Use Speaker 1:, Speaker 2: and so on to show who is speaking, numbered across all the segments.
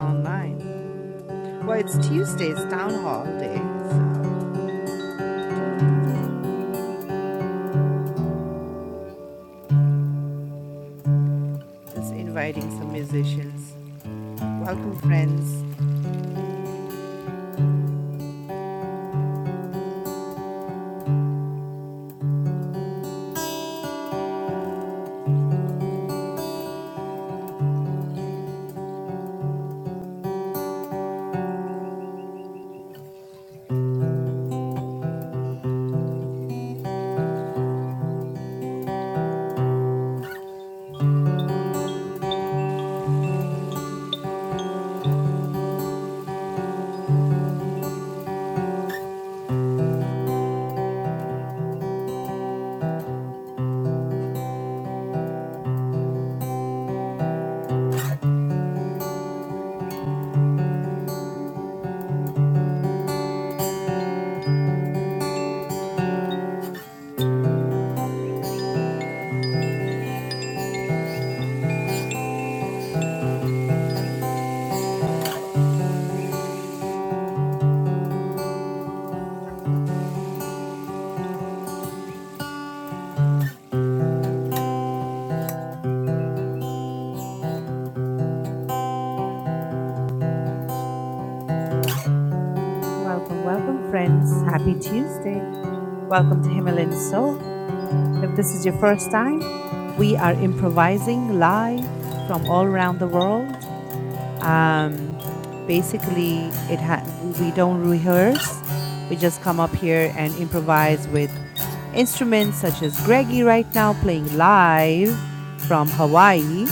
Speaker 1: online. Well, it's Tuesday's town hall day, so just inviting some musicians. Welcome, friends. Welcome, welcome, friends. Happy Tuesday. Welcome to Himalayan Soul. If this is your first time, we are improvising live from all around the world. Um, basically, it ha- we we don't rehearse. We just come up here and improvise with instruments such as Greggy right now playing live from Hawaii.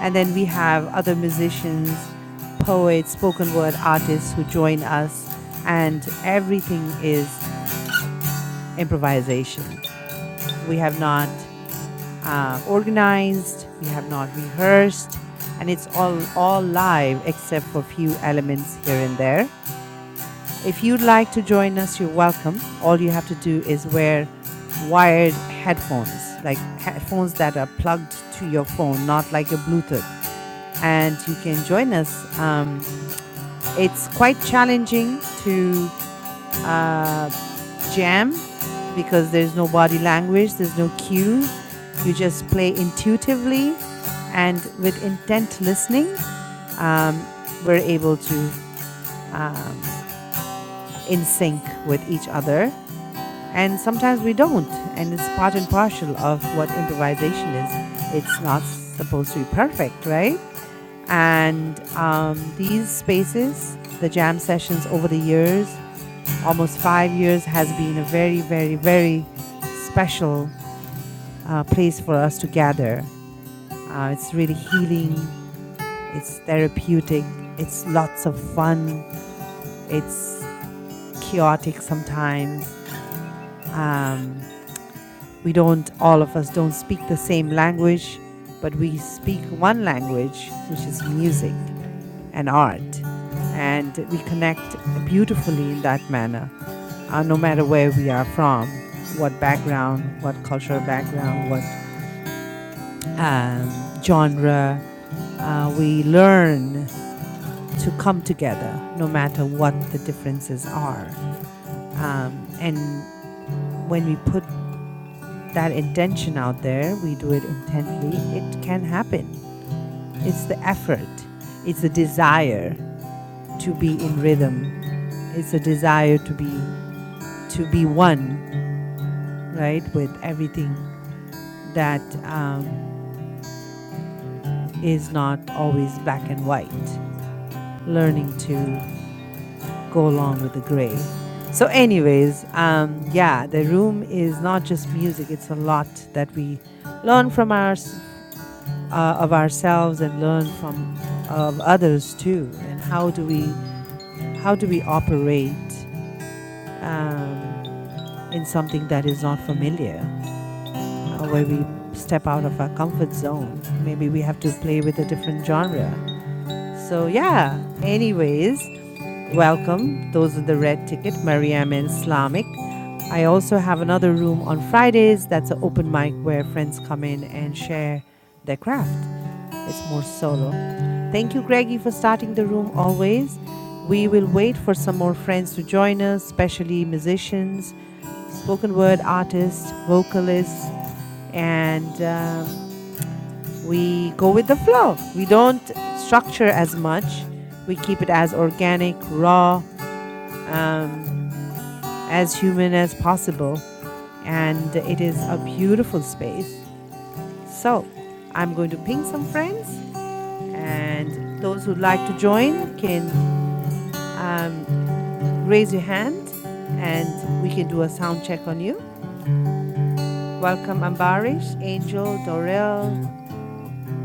Speaker 1: And then we have other musicians, poets, spoken word artists who join us, and everything is improvisation. We have not uh, organized. We have not rehearsed, and it's all all live except for few elements here and there. If you'd like to join us, you're welcome. All you have to do is wear wired headphones, like headphones that are plugged to your phone, not like a Bluetooth, and you can join us. Um, it's quite challenging to uh, jam because there's no body language, there's no cue. You just play intuitively and with intent listening, um, we're able to um, in sync with each other. And sometimes we don't, and it's part and parcel of what improvisation is. It's not supposed to be perfect, right? And um, these spaces, the jam sessions over the years, almost five years has been a very, very, very special uh, place for us to gather. Uh, it's really healing, it's therapeutic, it's lots of fun, it's chaotic sometimes. Um, we don't, all of us don't speak the same language, but we speak one language, which is music and art. And we connect beautifully in that manner uh, no matter where we are from, what background, what cultural background, what um, genre. Uh, we learn to come together no matter what the differences are. Um, and when we put that intention out there, we do it intently, it can happen. It's the effort, it's the desire to be in rhythm, it's a desire to be to be one, right, with everything that um, is not always black and white, learning to go along with the gray. So, anyways, um, yeah, the room is not just music, it's a lot that we learn from our, uh, of ourselves and learn from of others too and how do we how do we operate um, in something that is not familiar uh, where we step out of our comfort zone maybe we have to play with a different genre so yeah anyways Welcome. Those are the red ticket, Mariam and Islamic. I also have another room on Fridays that's an open mic where friends come in and share their craft. It's more solo. Thank you, Greggy, for starting the room always. We will wait for some more friends to join us, especially musicians, spoken word artists, vocalists, and um, we go with the flow. We don't structure as much, we keep it as organic, raw. Um, as human as possible. And it is a beautiful space. So I'm going to ping some friends, and those who'd like to join can um, raise your hand and we can do a sound check on you. Welcome, Ambarish, Angel, Dorel,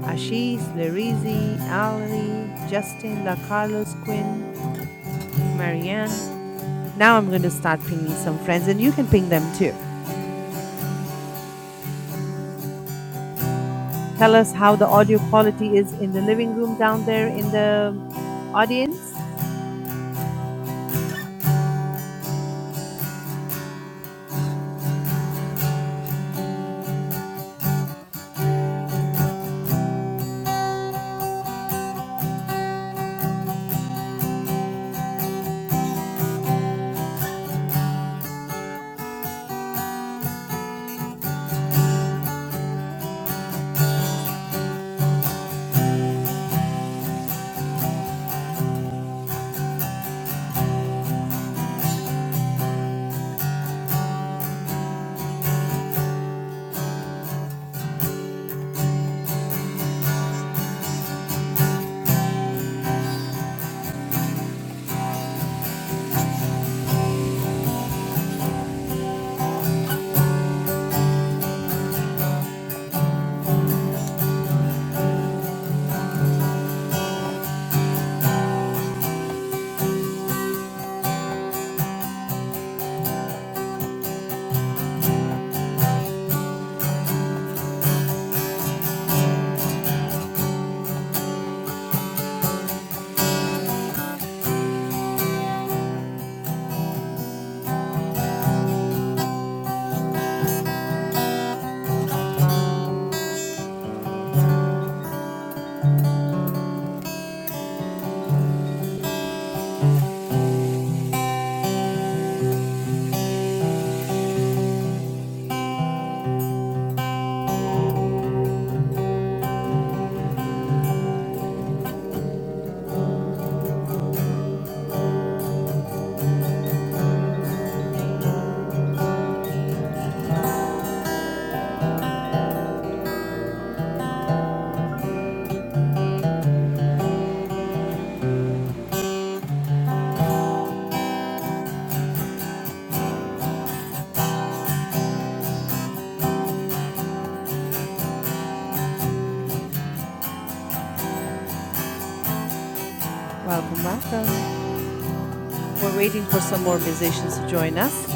Speaker 1: Ashish, Larizi, Ali, Justin, La Carlos, Quinn, Marianne. Now I'm going to start pinging some friends, and you can ping them too. tell us how the audio quality is in the living room down there in the audience. Welcome, welcome. We're waiting for some more musicians to join us.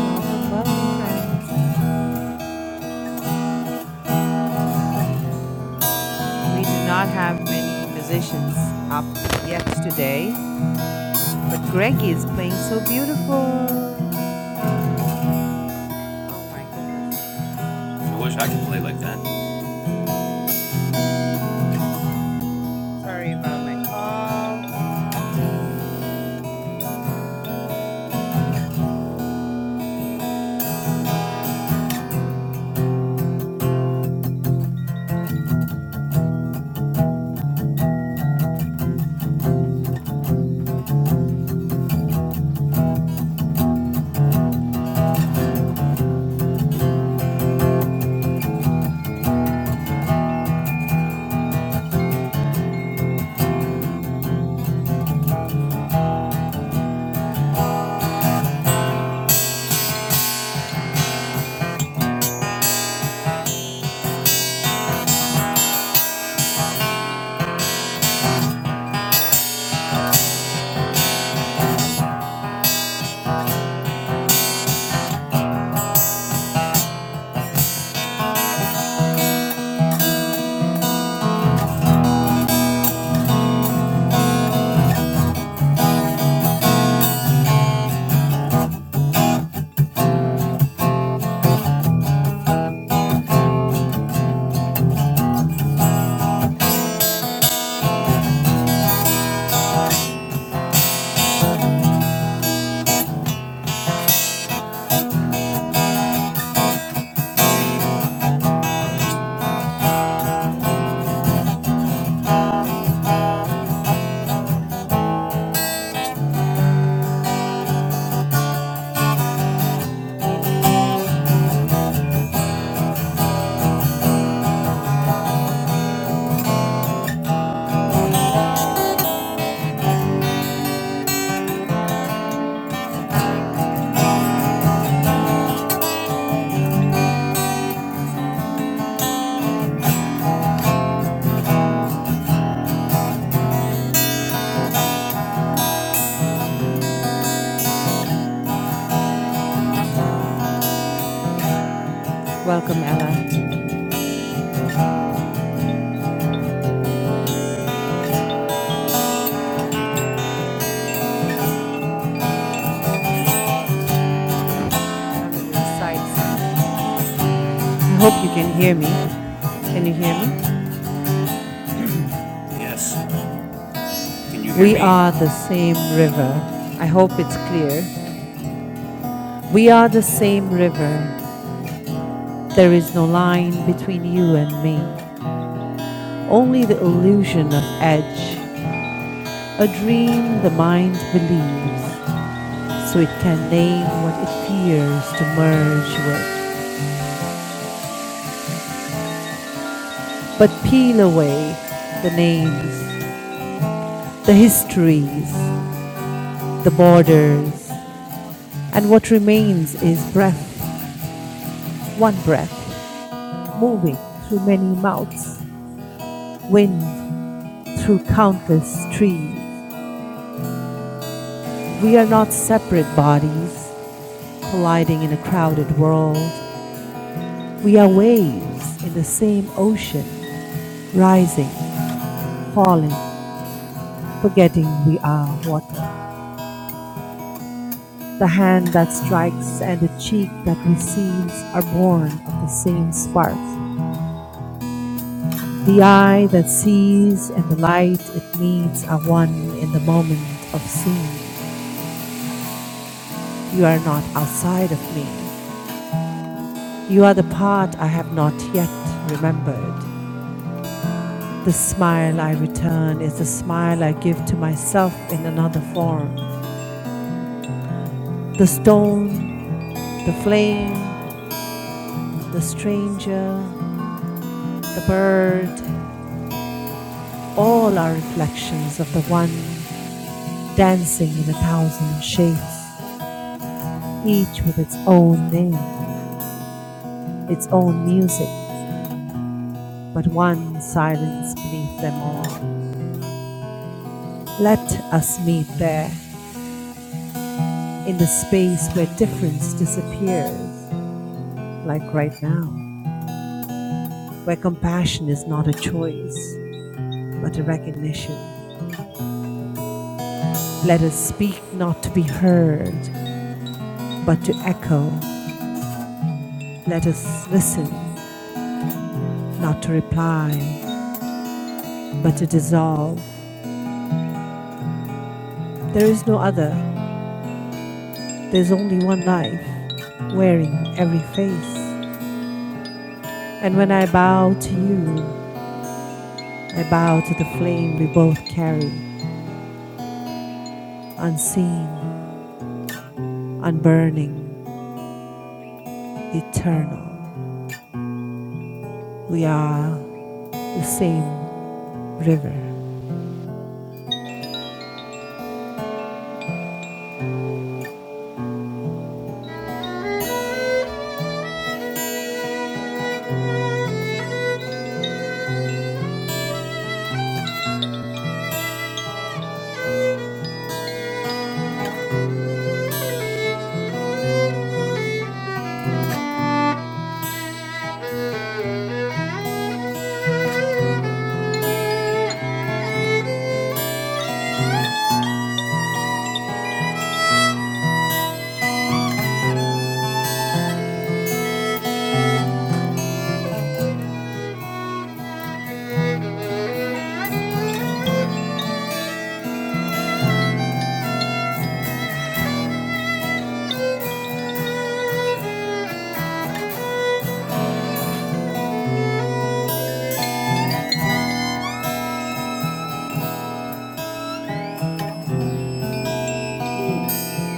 Speaker 1: Welcome, welcome, friends. We do not have many musicians up yet today, but Greggy is playing so beautiful. Oh my goodness.
Speaker 2: I wish I could play like that.
Speaker 1: Sorry about my call. Welcome, Ella. I'm going to recite something. I hope you can hear me. Can you hear me?
Speaker 2: Yes. Can you hear
Speaker 1: We
Speaker 2: me?
Speaker 1: are the same river. I hope it's clear. We are the same river. There is no line between you and me, only the illusion of edge, a dream the mind believes, so it can name what it fears to merge with. But peel away the names, the histories, the borders, and what remains is breath, one breath, moving through many mouths, wind through countless trees. We are not separate bodies colliding in a crowded world. We are waves in the same ocean, rising, falling, forgetting we are water. The hand that strikes and the cheek that receives are born of the same spark. The eye that sees and the light it meets are one in the moment of seeing. You are not outside of me. You are the part I have not yet remembered. The smile I return is the smile I give to myself in another form. The stone, the flame, the stranger, the bird, all are reflections of the one dancing in a thousand shapes, each with its own name, its own music, but one silence beneath them all. Let us meet there in the space where difference disappears, like right now, where compassion is not a choice, but a recognition. Let us speak not to be heard, but to echo. Let us listen, not to reply, but to dissolve. There is no other, there's only one life, wearing every face. And when I bow to you, I bow to the flame we both carry, unseen, unburning. eternal. We are the same river.
Speaker 3: Thank you. Thank you.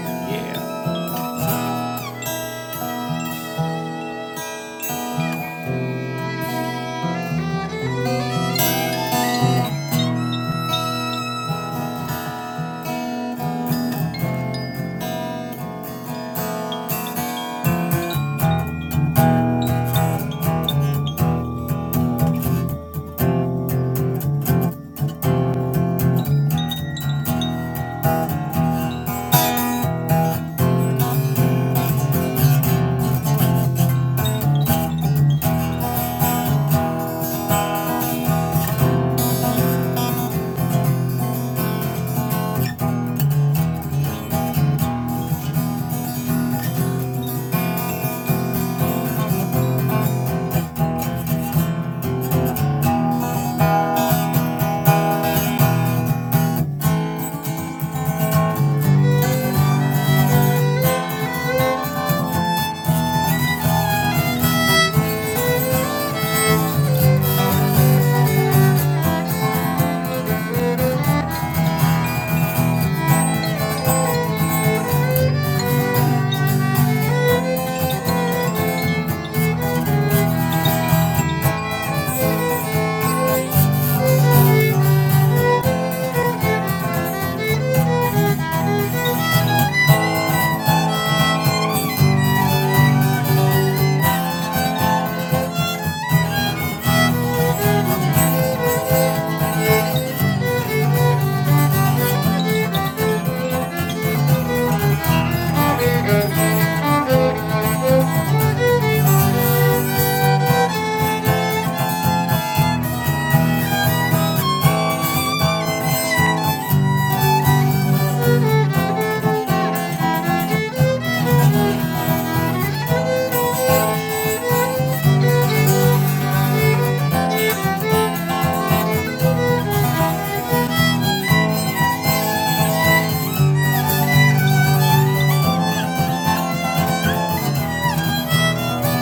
Speaker 2: Yeah.
Speaker 3: Thank you. Thank you. Thank you.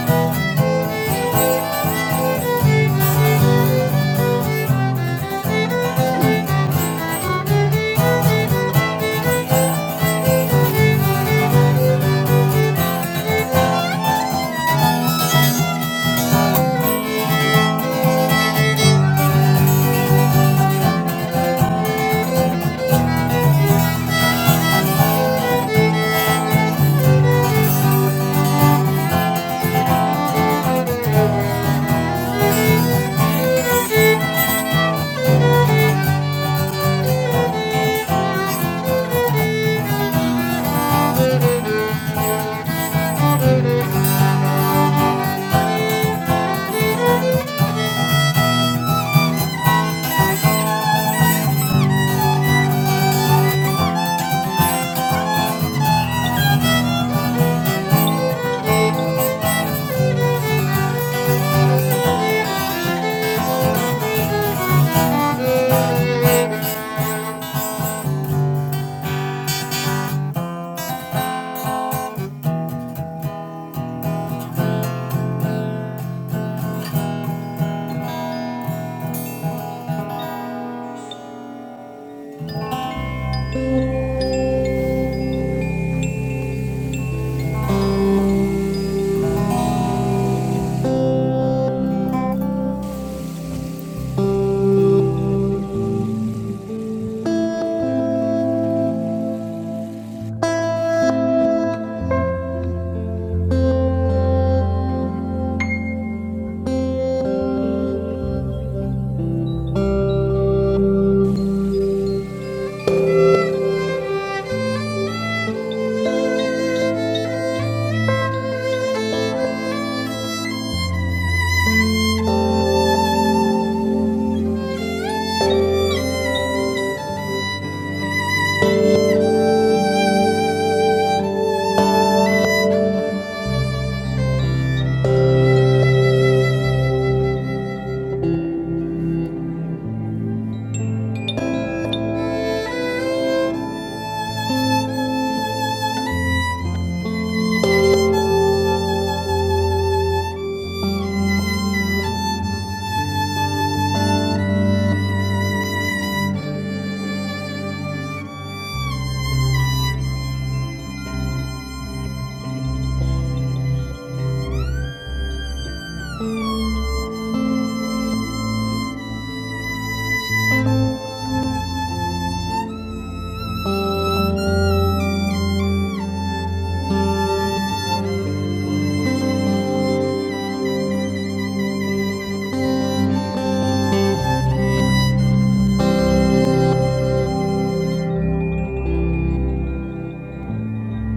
Speaker 3: Thank you. Thank you. Thank you.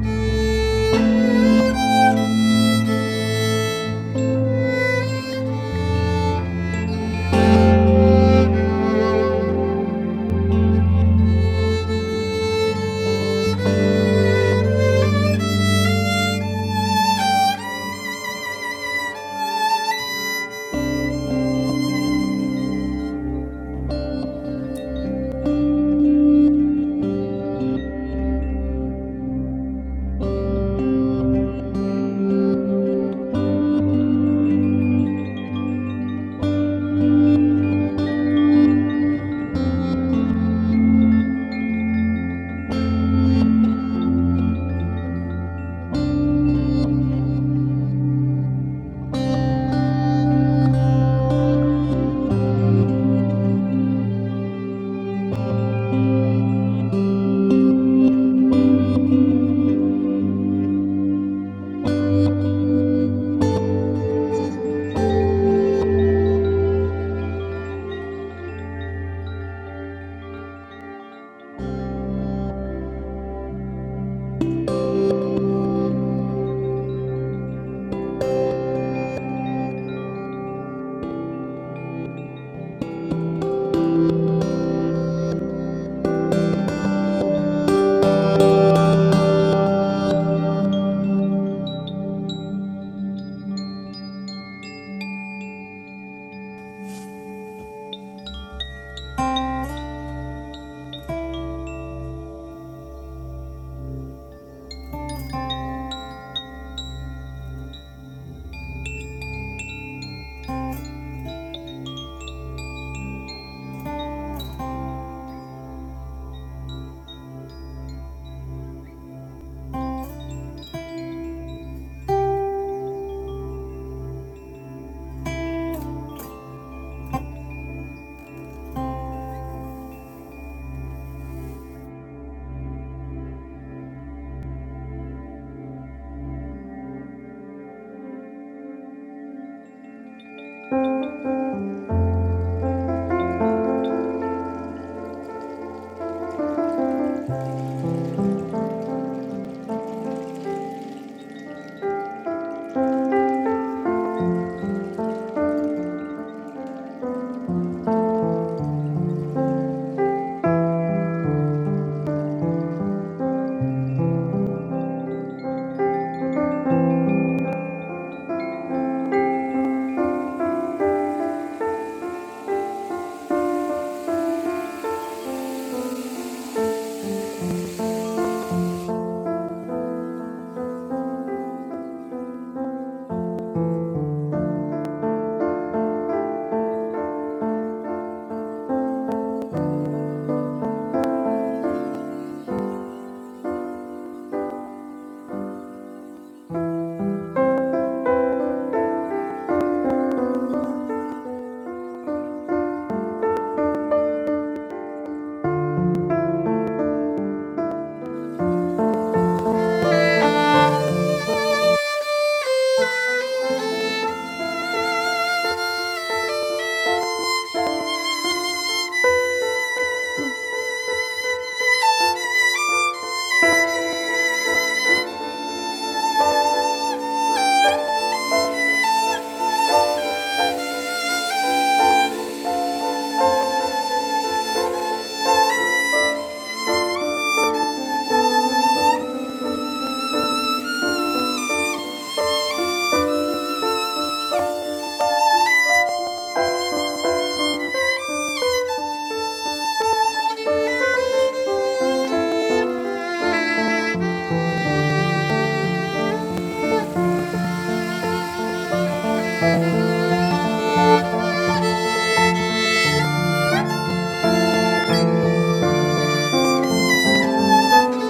Speaker 3: Thank you. Thank you. Thank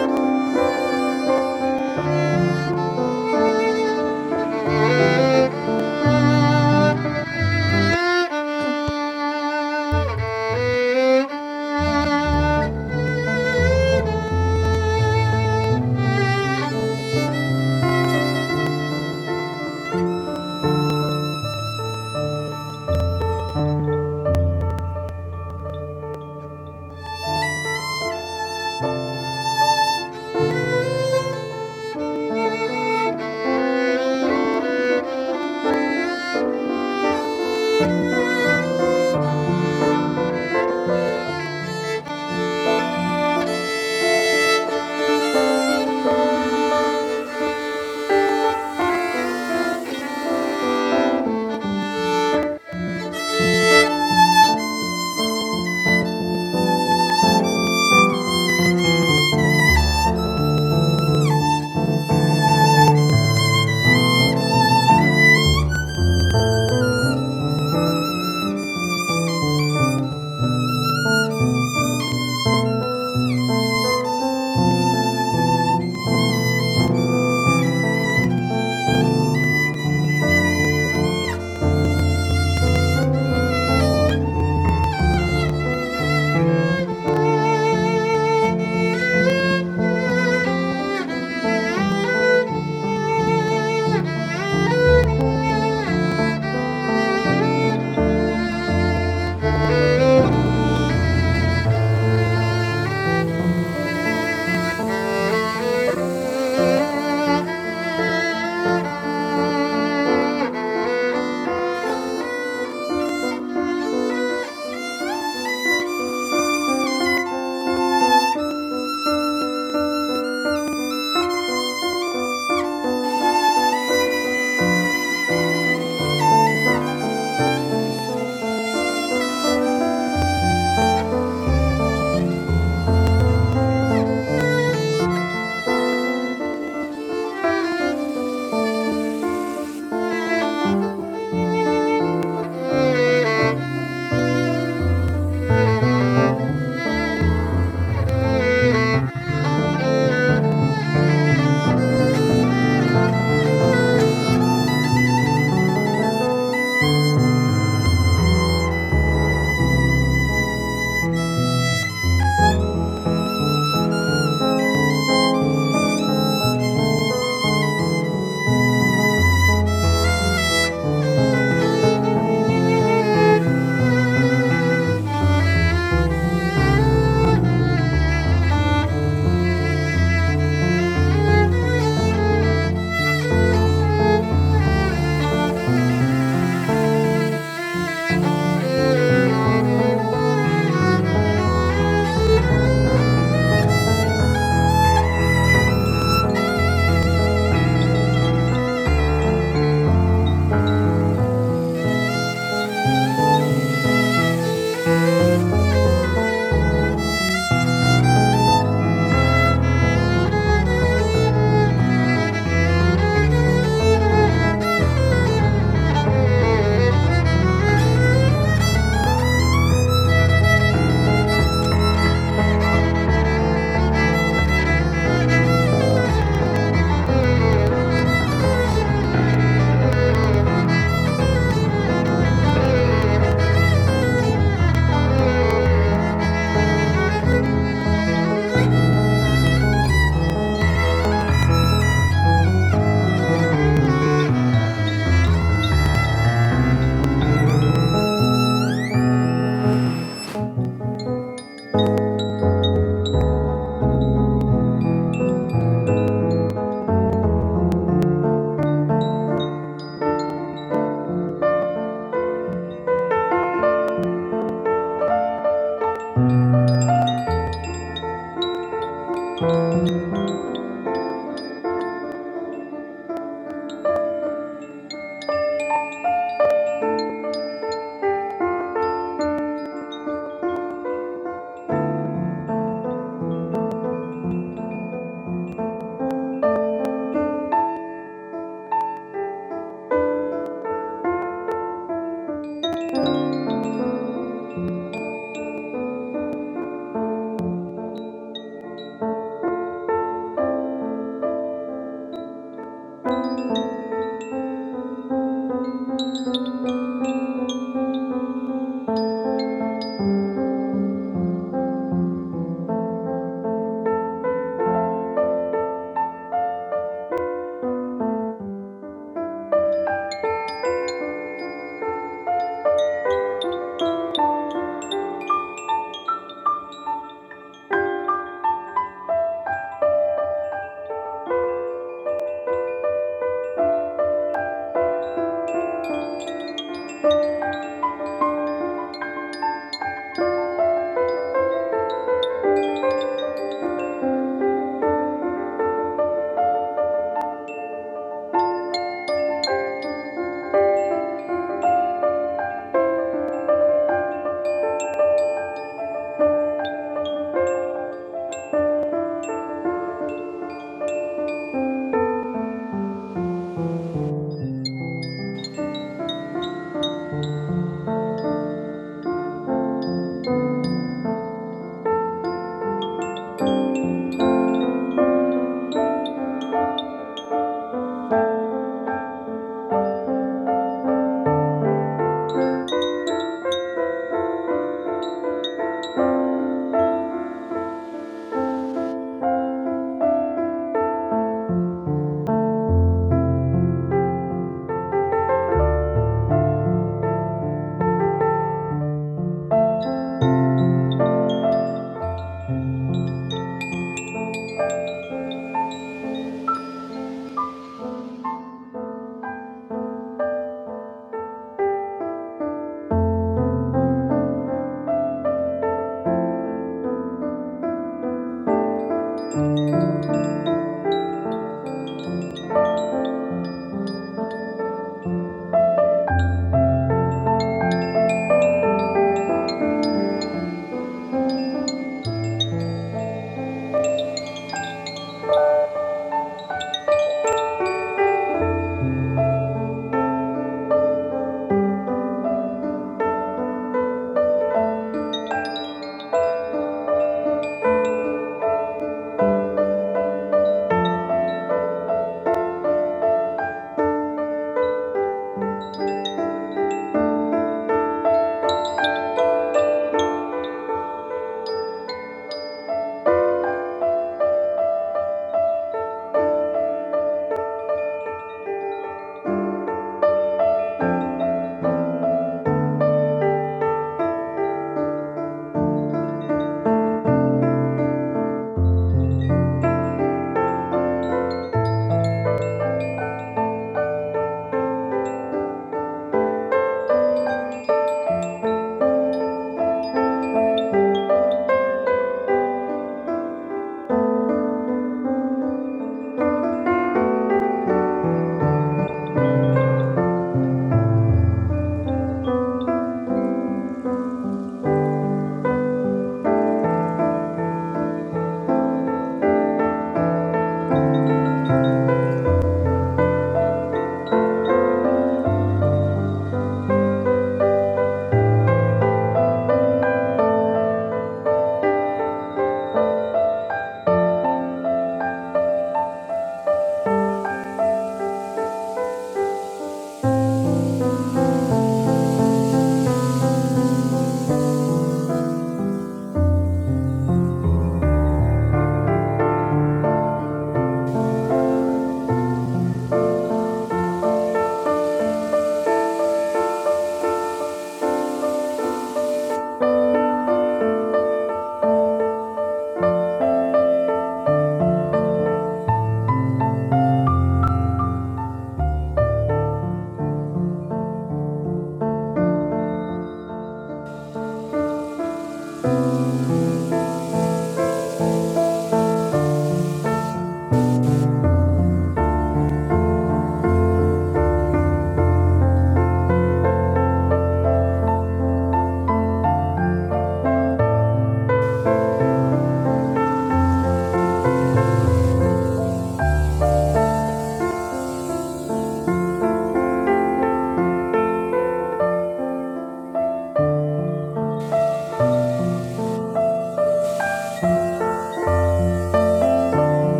Speaker 3: you. Thank you. Thank you. Thank you. Thank you. Thank you. Thank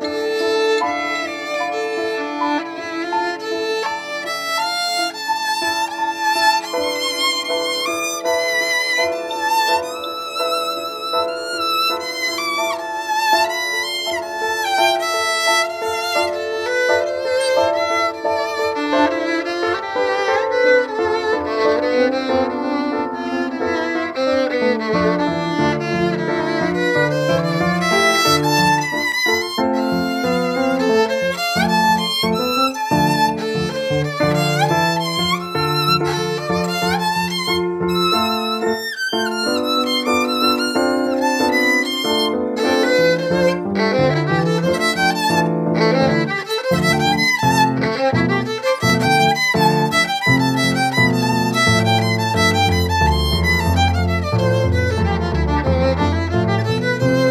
Speaker 3: Thank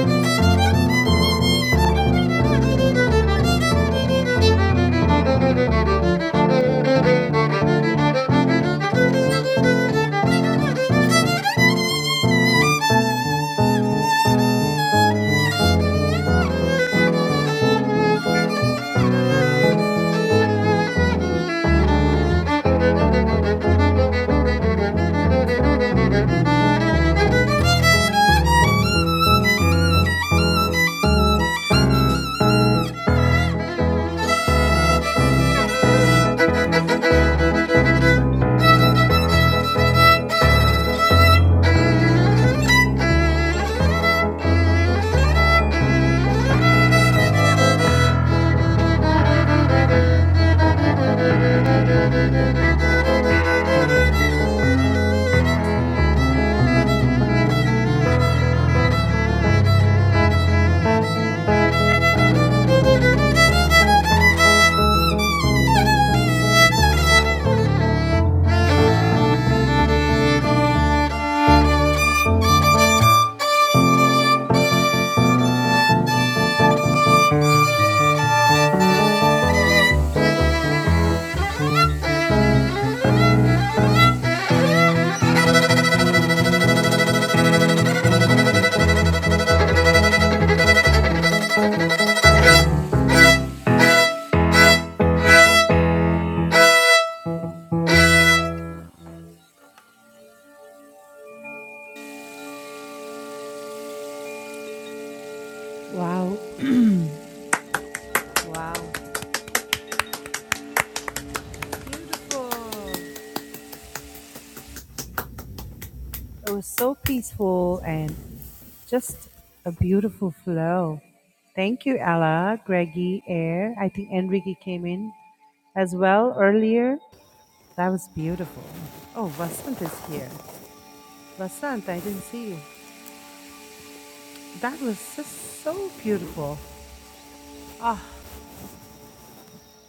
Speaker 3: you. Thank you. Thank you. Thank
Speaker 1: Wow. Wow. Beautiful. It was so peaceful and just a beautiful flow. Thank you, Ella, Greggy, Air. I think Enrique came in as well earlier. That was beautiful. Oh, Vasant is here. Vasant, I didn't see you. That was just so beautiful. Ah,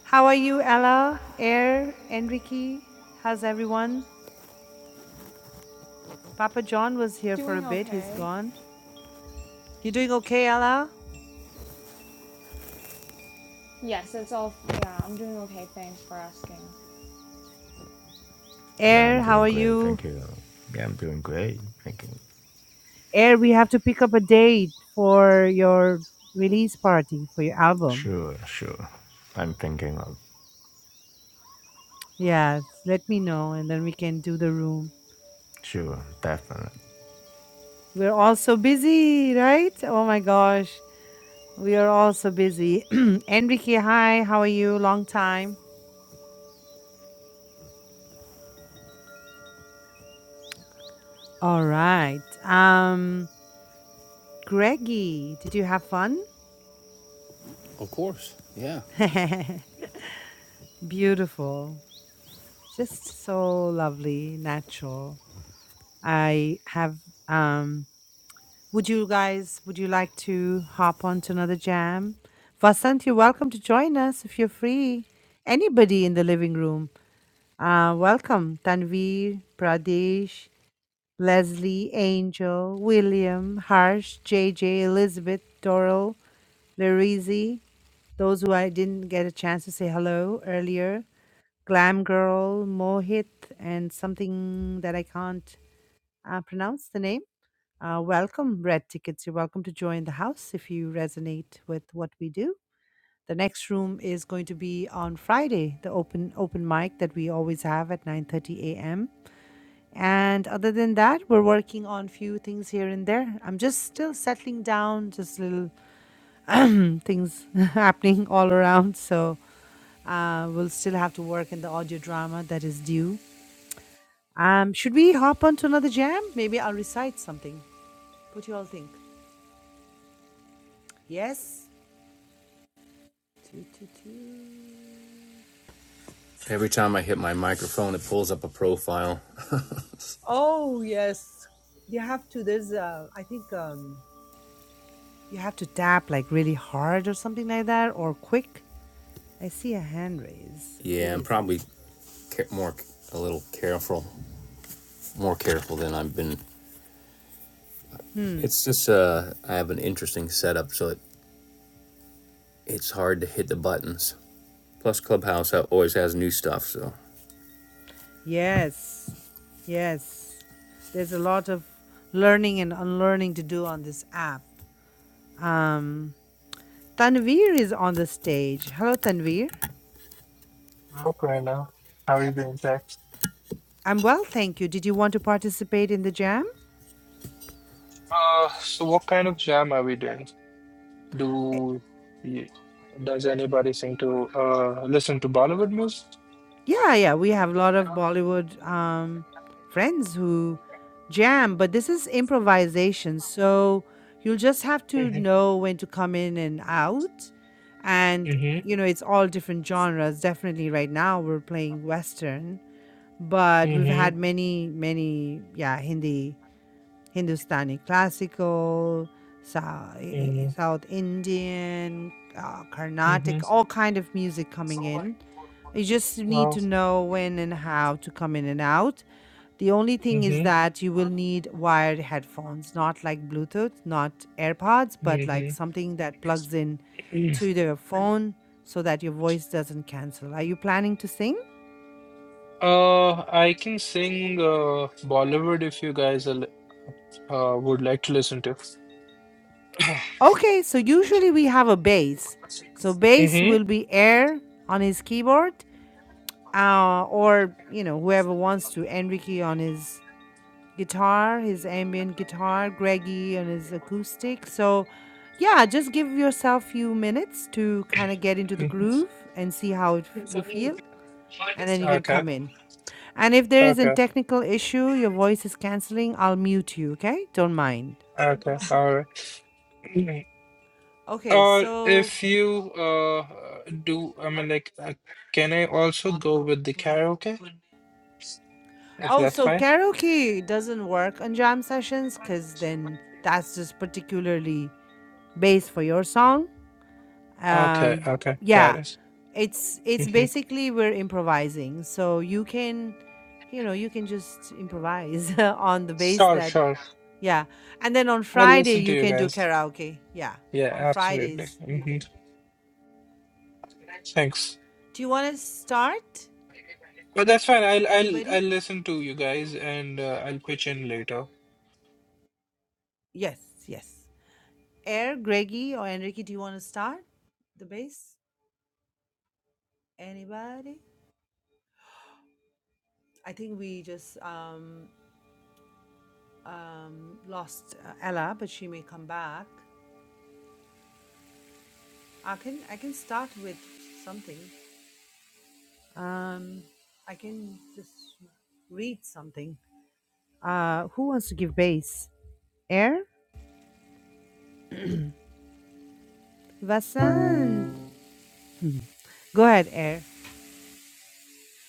Speaker 1: how are you, Ella, Air, Enrique? How's everyone? Papa John was here for a bit. He's gone. You doing okay, Ella?
Speaker 4: Yeah, I'm
Speaker 1: Air, how
Speaker 4: doing
Speaker 1: are
Speaker 4: great.
Speaker 1: you?
Speaker 4: Thank you. Yeah, I'm doing great. Thank you.
Speaker 1: Air, we have to pick up a date for your release party for your album.
Speaker 4: Sure, sure. I'm thinking of
Speaker 1: Yeah, let me know and then we can do the room.
Speaker 4: sure, definitely.
Speaker 1: We're all so busy, right? Oh my gosh. We are all so busy. Enrique, hi, how are you? Long time. All right. Um, Greggy, did you have fun? Beautiful. Just so lovely, natural. I have um would you guys would you like to hop on to another jam? Vasant, you're welcome to join us if you're free. Anybody in the living room. Uh welcome. Tanveer, Pradesh, Leslie, Angel, William, Harsh, J. J., Elizabeth, Doral, Larizi, those who I didn't get a chance to say hello earlier. Glam Girl, Mohit, and something that I can't uh, pronounce the name. Uh, welcome, Red Tickets. You're welcome to join the house if you resonate with what we do. The next room is going to be on Friday, the open open mic that we always have at 9:30 a.m. And other than that, we're working on few things here and there. I'm just still settling down, just little things happening all around. So uh, we'll still have to work in the audio drama that is due. Um, should we hop on to another jam? Maybe I'll recite something. What do you all think? Yes? Two, two, two.
Speaker 2: Every time I hit my microphone, it pulls up a profile.
Speaker 1: Oh, yes. You have to, there's, uh, I think um, you have to tap like really hard or something like that or quick. I see a hand raise. Who
Speaker 2: Yeah, I'm
Speaker 1: is it?
Speaker 2: probably more a little careful, more careful than I've been. It's just uh, I have an interesting setup, so it, it's hard to hit the buttons. Plus, Clubhouse always has new stuff, so.
Speaker 1: Yes. Yes. There's a lot of learning and unlearning to do on this app. Um, Tanveer is on the stage. Hello, Tanveer.
Speaker 5: Okay, now. How are you doing, Zach?
Speaker 1: I'm well, thank you. Did you want to participate in the jam?
Speaker 5: Uh, so what kind of jam are we doing? Do you, does anybody sing to uh listen to Bollywood music?
Speaker 1: Yeah, yeah, we have a lot of Bollywood um, friends who jam, but this is improvisation. So you'll just have to
Speaker 5: Mm-hmm.
Speaker 1: know when to come in and out. And,
Speaker 5: Mm-hmm.
Speaker 1: you know, it's all different genres. Definitely right now we're playing Western, but we've had
Speaker 5: Mm-hmm.
Speaker 1: many, many, yeah, Hindi Hindustani, classical, South,
Speaker 5: Mm-hmm.
Speaker 1: South Indian, uh,
Speaker 5: Mm-hmm.
Speaker 1: Carnatic, all kind of music coming in. You just need
Speaker 5: Wow.
Speaker 1: to know when and how to come in and out. The only thing is
Speaker 5: Mm-hmm.
Speaker 1: that you will need wired headphones, not like Bluetooth, not AirPods, but like
Speaker 5: Mm-hmm.
Speaker 1: something that plugs in to your phone so that your voice doesn't cancel. Are you planning to sing?
Speaker 5: Uh, I can sing uh Bollywood if you guys are, li- uh would like to listen to.
Speaker 1: Okay, so usually we have a bass. So bass will
Speaker 5: Mm-hmm.
Speaker 1: be air on his keyboard uh, or you know whoever wants to enrique on his guitar his ambient guitar greggy on his acoustic so yeah just give yourself few minutes to kind of get into the groove and see how it, you feel and then
Speaker 5: Mm-hmm.
Speaker 1: you can
Speaker 5: Okay.
Speaker 1: come in and if there is a
Speaker 5: Okay.
Speaker 1: technical issue your voice is canceling i'll mute you okay don't mind
Speaker 5: Okay. All right.
Speaker 1: okay
Speaker 5: Or
Speaker 1: so
Speaker 5: if you uh uh, do, I mean, like, uh, can I also go with the karaoke? If
Speaker 1: oh
Speaker 5: that's
Speaker 1: so
Speaker 5: fine.
Speaker 1: karaoke doesn't work on jam sessions because then that's just particularly bass for your song
Speaker 5: Okay,
Speaker 1: um
Speaker 5: okay, got
Speaker 1: yeah
Speaker 5: it.
Speaker 1: it's it's
Speaker 5: hmm
Speaker 1: basically we're improvising so you can you know you can just improvise on the base
Speaker 5: Sure,
Speaker 1: that
Speaker 5: sure.
Speaker 1: yeah and then on
Speaker 5: I'll
Speaker 1: friday
Speaker 5: listen to
Speaker 1: you
Speaker 5: you
Speaker 1: can do
Speaker 5: guys.
Speaker 1: karaoke yeah
Speaker 5: Yeah,
Speaker 1: on
Speaker 5: absolutely.
Speaker 1: fridays you
Speaker 5: hmm
Speaker 1: can
Speaker 5: Thanks.
Speaker 1: do you want to start
Speaker 5: But that's fine. I'll I'll I'll
Speaker 1: anybody
Speaker 5: listen to you guys and uh, I'll pitch in later.
Speaker 1: yes yes air greggy or enrique do you want to start the bass? anybody i think we just um um lost uh, ella but she may come back I can I can start with something. Um, I can just read something. Uh, who wants to give base? Air, Vasant. Go ahead, Air.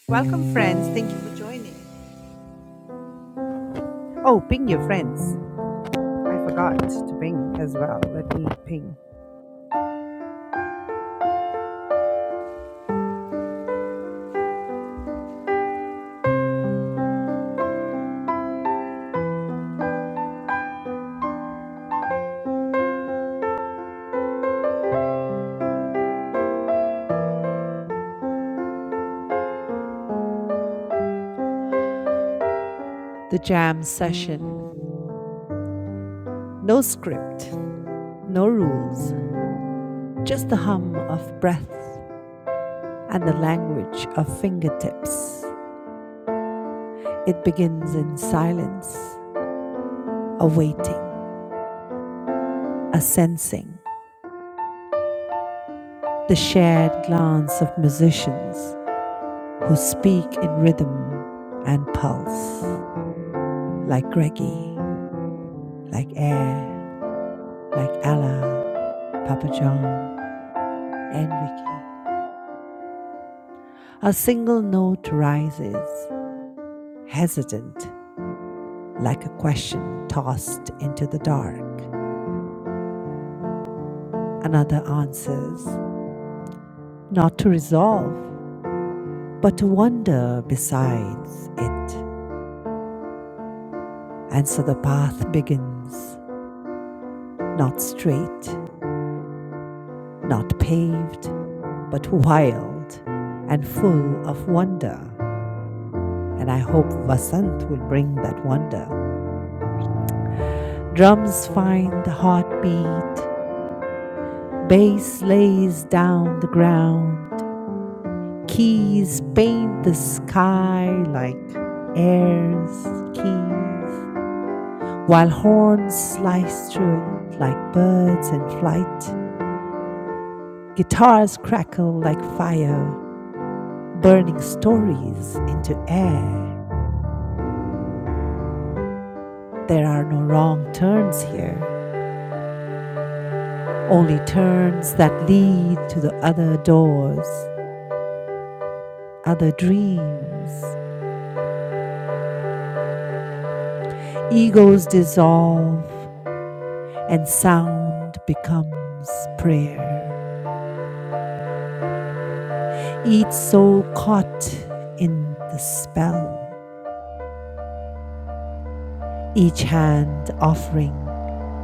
Speaker 1: Welcome, friends. Thank you for joining. Oh, ping your friends. I forgot to ping as well. Let me ping the jam session. No script, no rules, just the hum of breath and the language of fingertips. It begins in silence a waiting, a sensing, the shared glance of musicians who speak in rhythm and pulse, like Greggy, like Air, like Allah, Papa John, and Ricky. A single note rises, hesitant, like a question tossed into the dark. Another answers, not to resolve, but to wonder besides it. And so the path begins, not straight, not paved, but wild and full of wonder. And I hope Vasant will bring that wonder. Drums find the heartbeat, bass lays down the ground, keys paint the sky like airs, keys, while horns slice through it like birds in flight Guitars crackle like fire, burning stories into air. There are no wrong turns here, only turns that lead to the other doors, other dreams. Egos dissolve, and sound becomes prayer. Each soul caught in the spell, each hand offering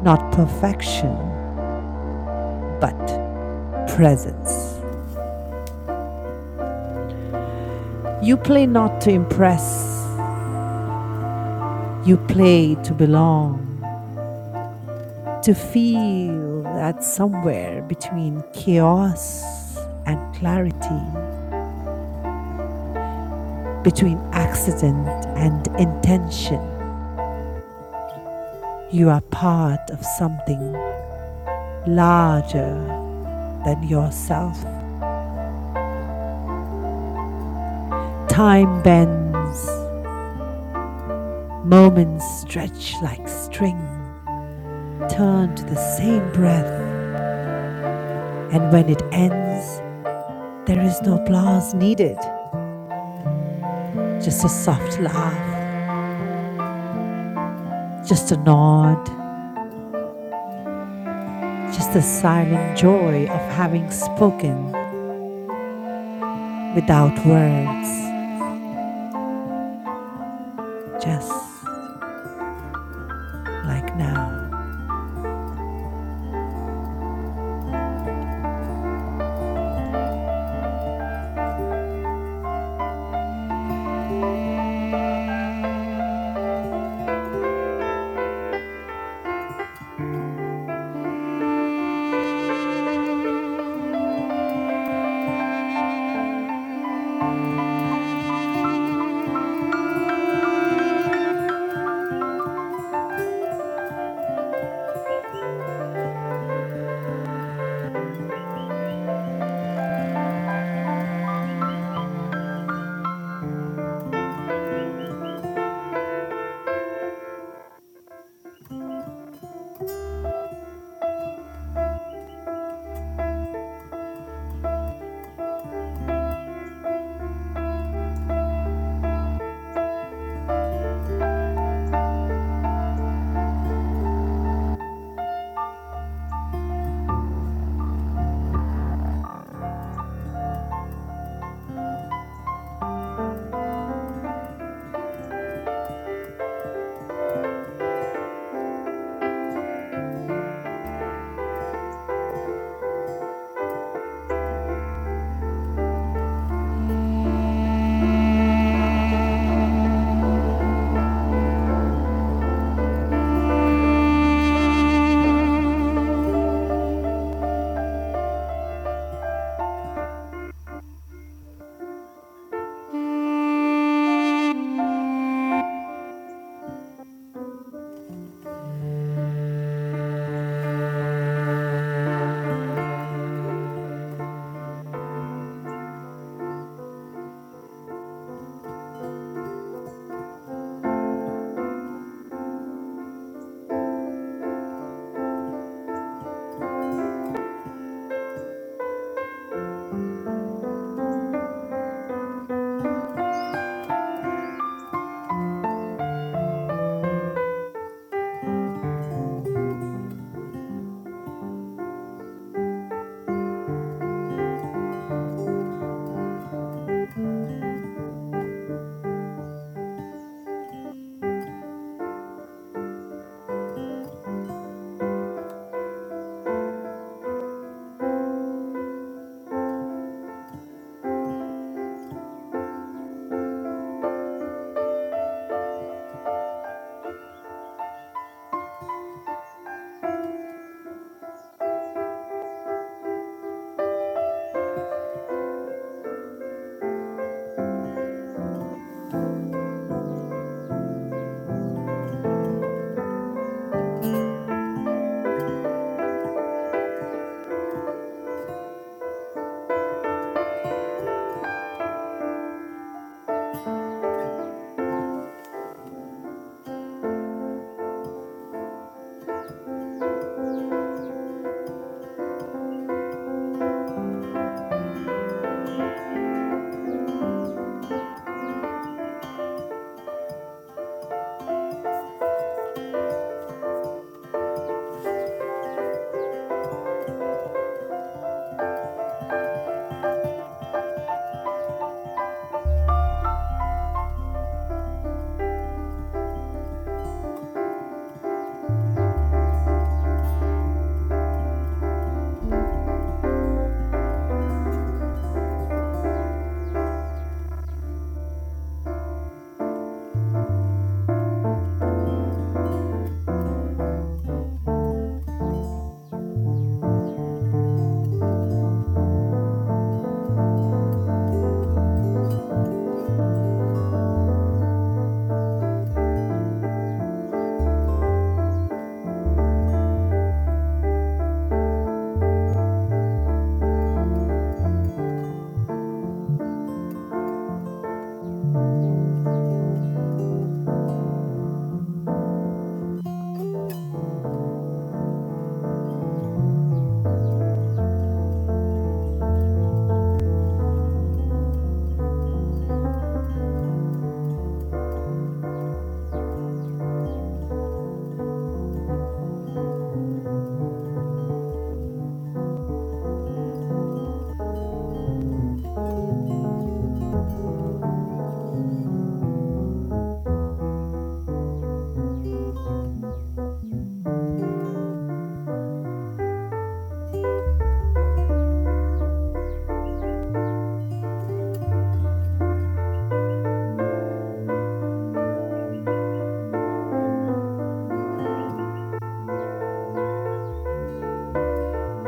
Speaker 1: not perfection, but presence. You play not to impress, you play to belong, to feel that somewhere between chaos and clarity, between accident and intention, you are part of something larger than yourself. Time bends, moments stretch like string, turn to the same breath, and when it ends, there is no applause needed. just a soft laugh, just a nod, just the silent joy of having spoken without words, just like now.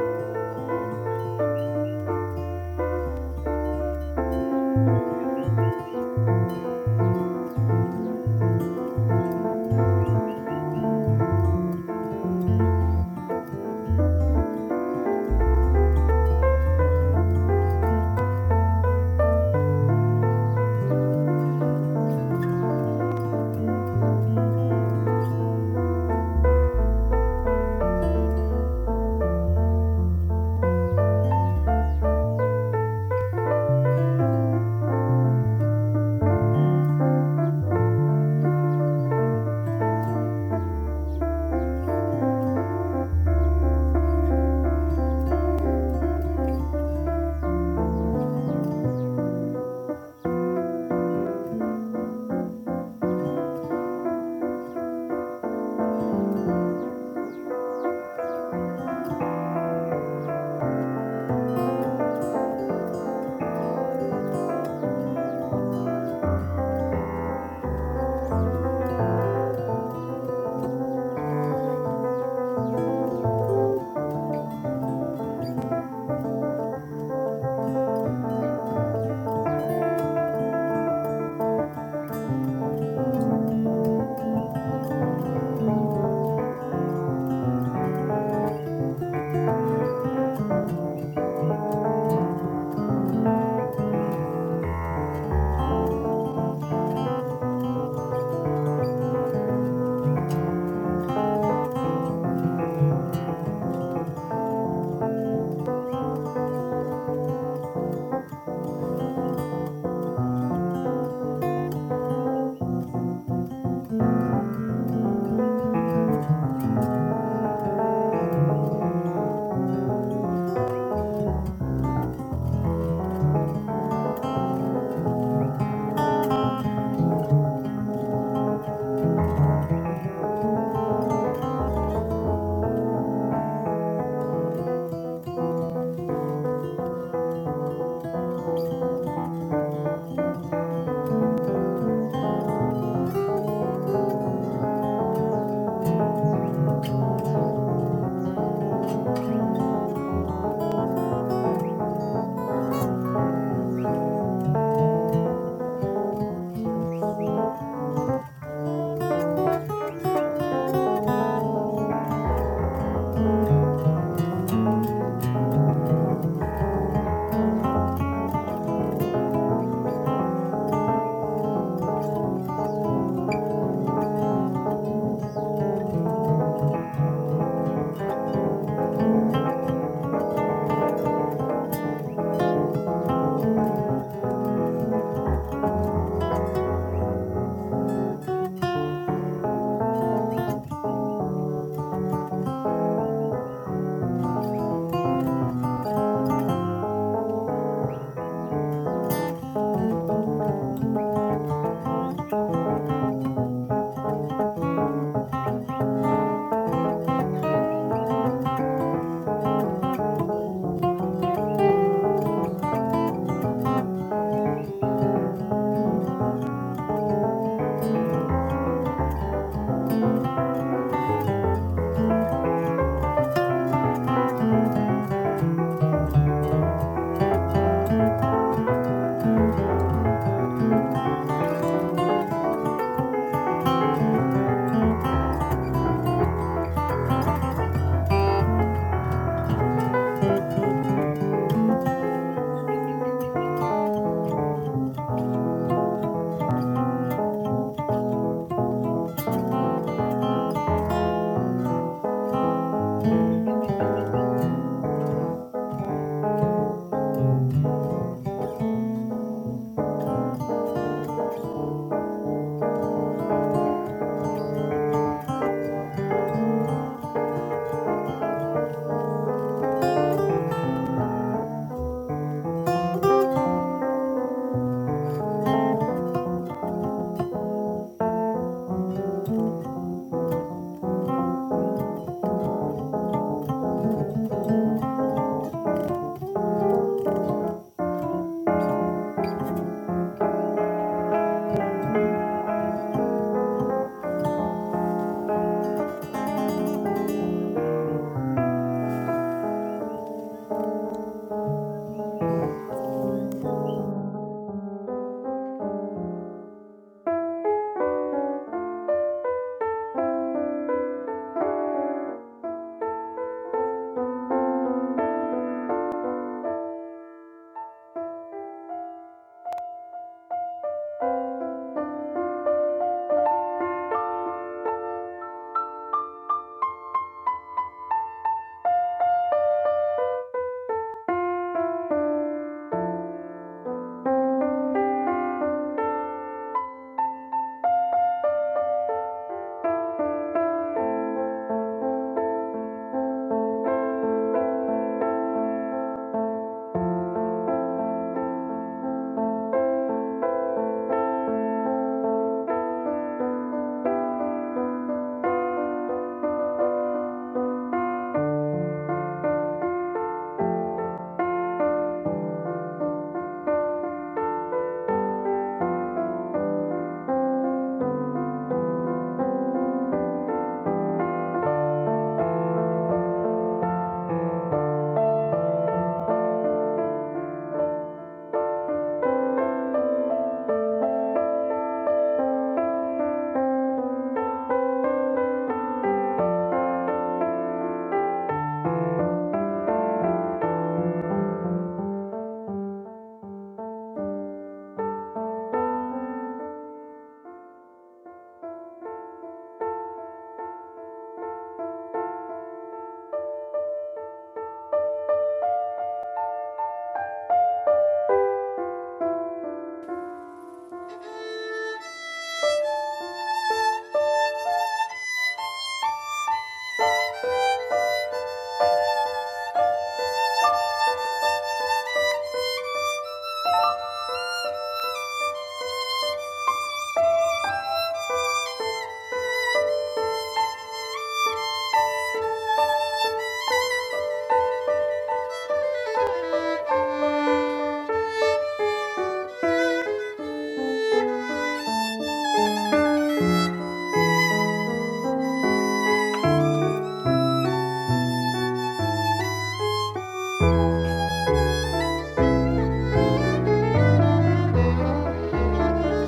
Speaker 6: Ah.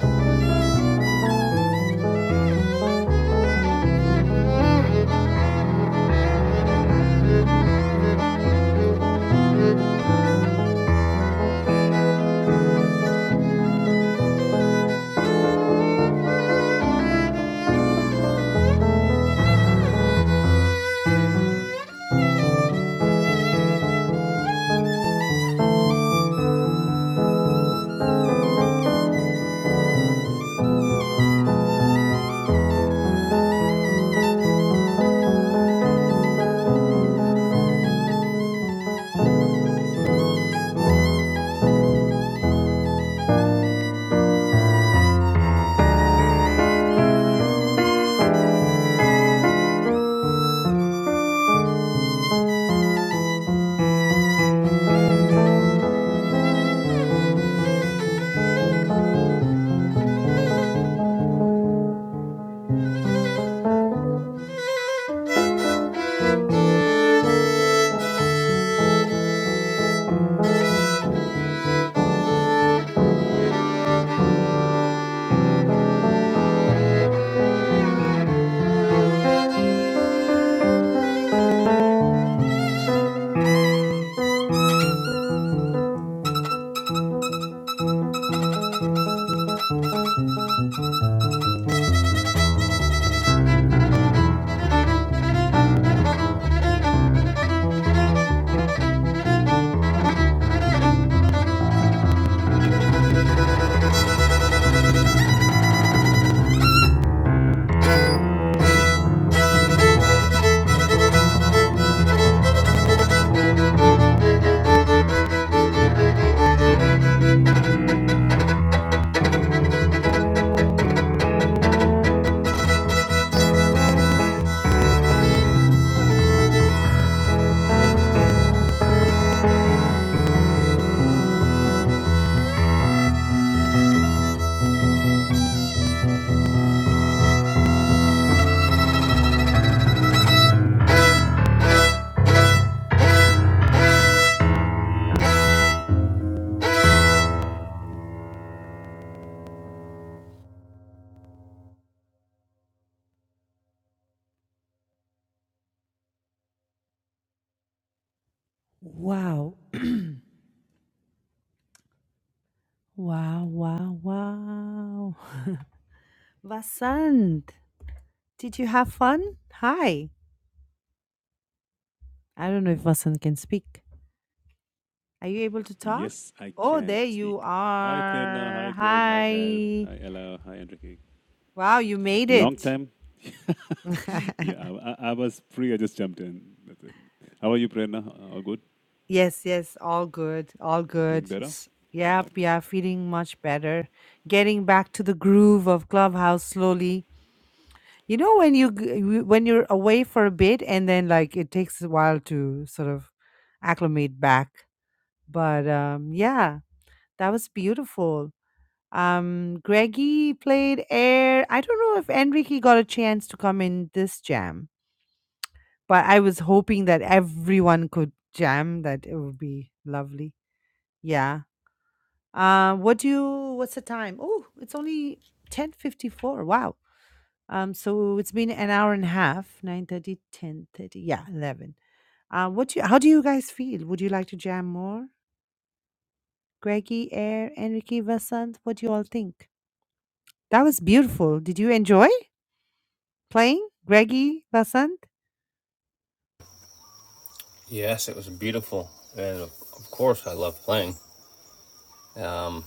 Speaker 3: you. Thank you. Thank you. Thank
Speaker 1: Wow, wow, wow, wow. Vasant, did you have fun? Hi. I don't know if Vasant can speak. Are you able to talk?
Speaker 6: Yes, I
Speaker 1: Oh,
Speaker 6: can
Speaker 1: there
Speaker 6: speak.
Speaker 1: you
Speaker 6: Hi, Prerna.
Speaker 1: are.
Speaker 6: Hi, Greg. Hi, Er.
Speaker 1: Hi.
Speaker 6: Hi, Ella. Hi, Enrique.
Speaker 1: Wow, you made
Speaker 6: Long
Speaker 1: it.
Speaker 6: time. Yeah, I, I- I was free. I just jumped in. That's it. How are you, Prerna? All good?
Speaker 1: Yes, yes, all good, all
Speaker 6: Doing
Speaker 1: good.
Speaker 6: better?
Speaker 1: S- Yep,
Speaker 6: Perfect.
Speaker 1: yeah, feeling much better. Getting back to the groove of Clubhouse slowly. You know when you g- w- when you're away for a bit and then like it takes a while to sort of acclimate back. But um yeah, that was beautiful. Um Greggy played air. I don't know if Enrique got a chance to come in this jam, but I was hoping that everyone could jam that it would be lovely. Yeah. Uh, what do you what's the time? Oh, it's only 10:54. Wow. Um, so it's been an hour and a half, Nine thirty, ten thirty. Yeah, 11. Uh, what do you, how do you guys feel? Would you like to jam more? Greggy, Air, Enrique, Vasant, what do you all think? That was beautiful. Did you enjoy playing? Greggy, Vasant?
Speaker 2: Yes, it was beautiful, and of of course I love playing. Um,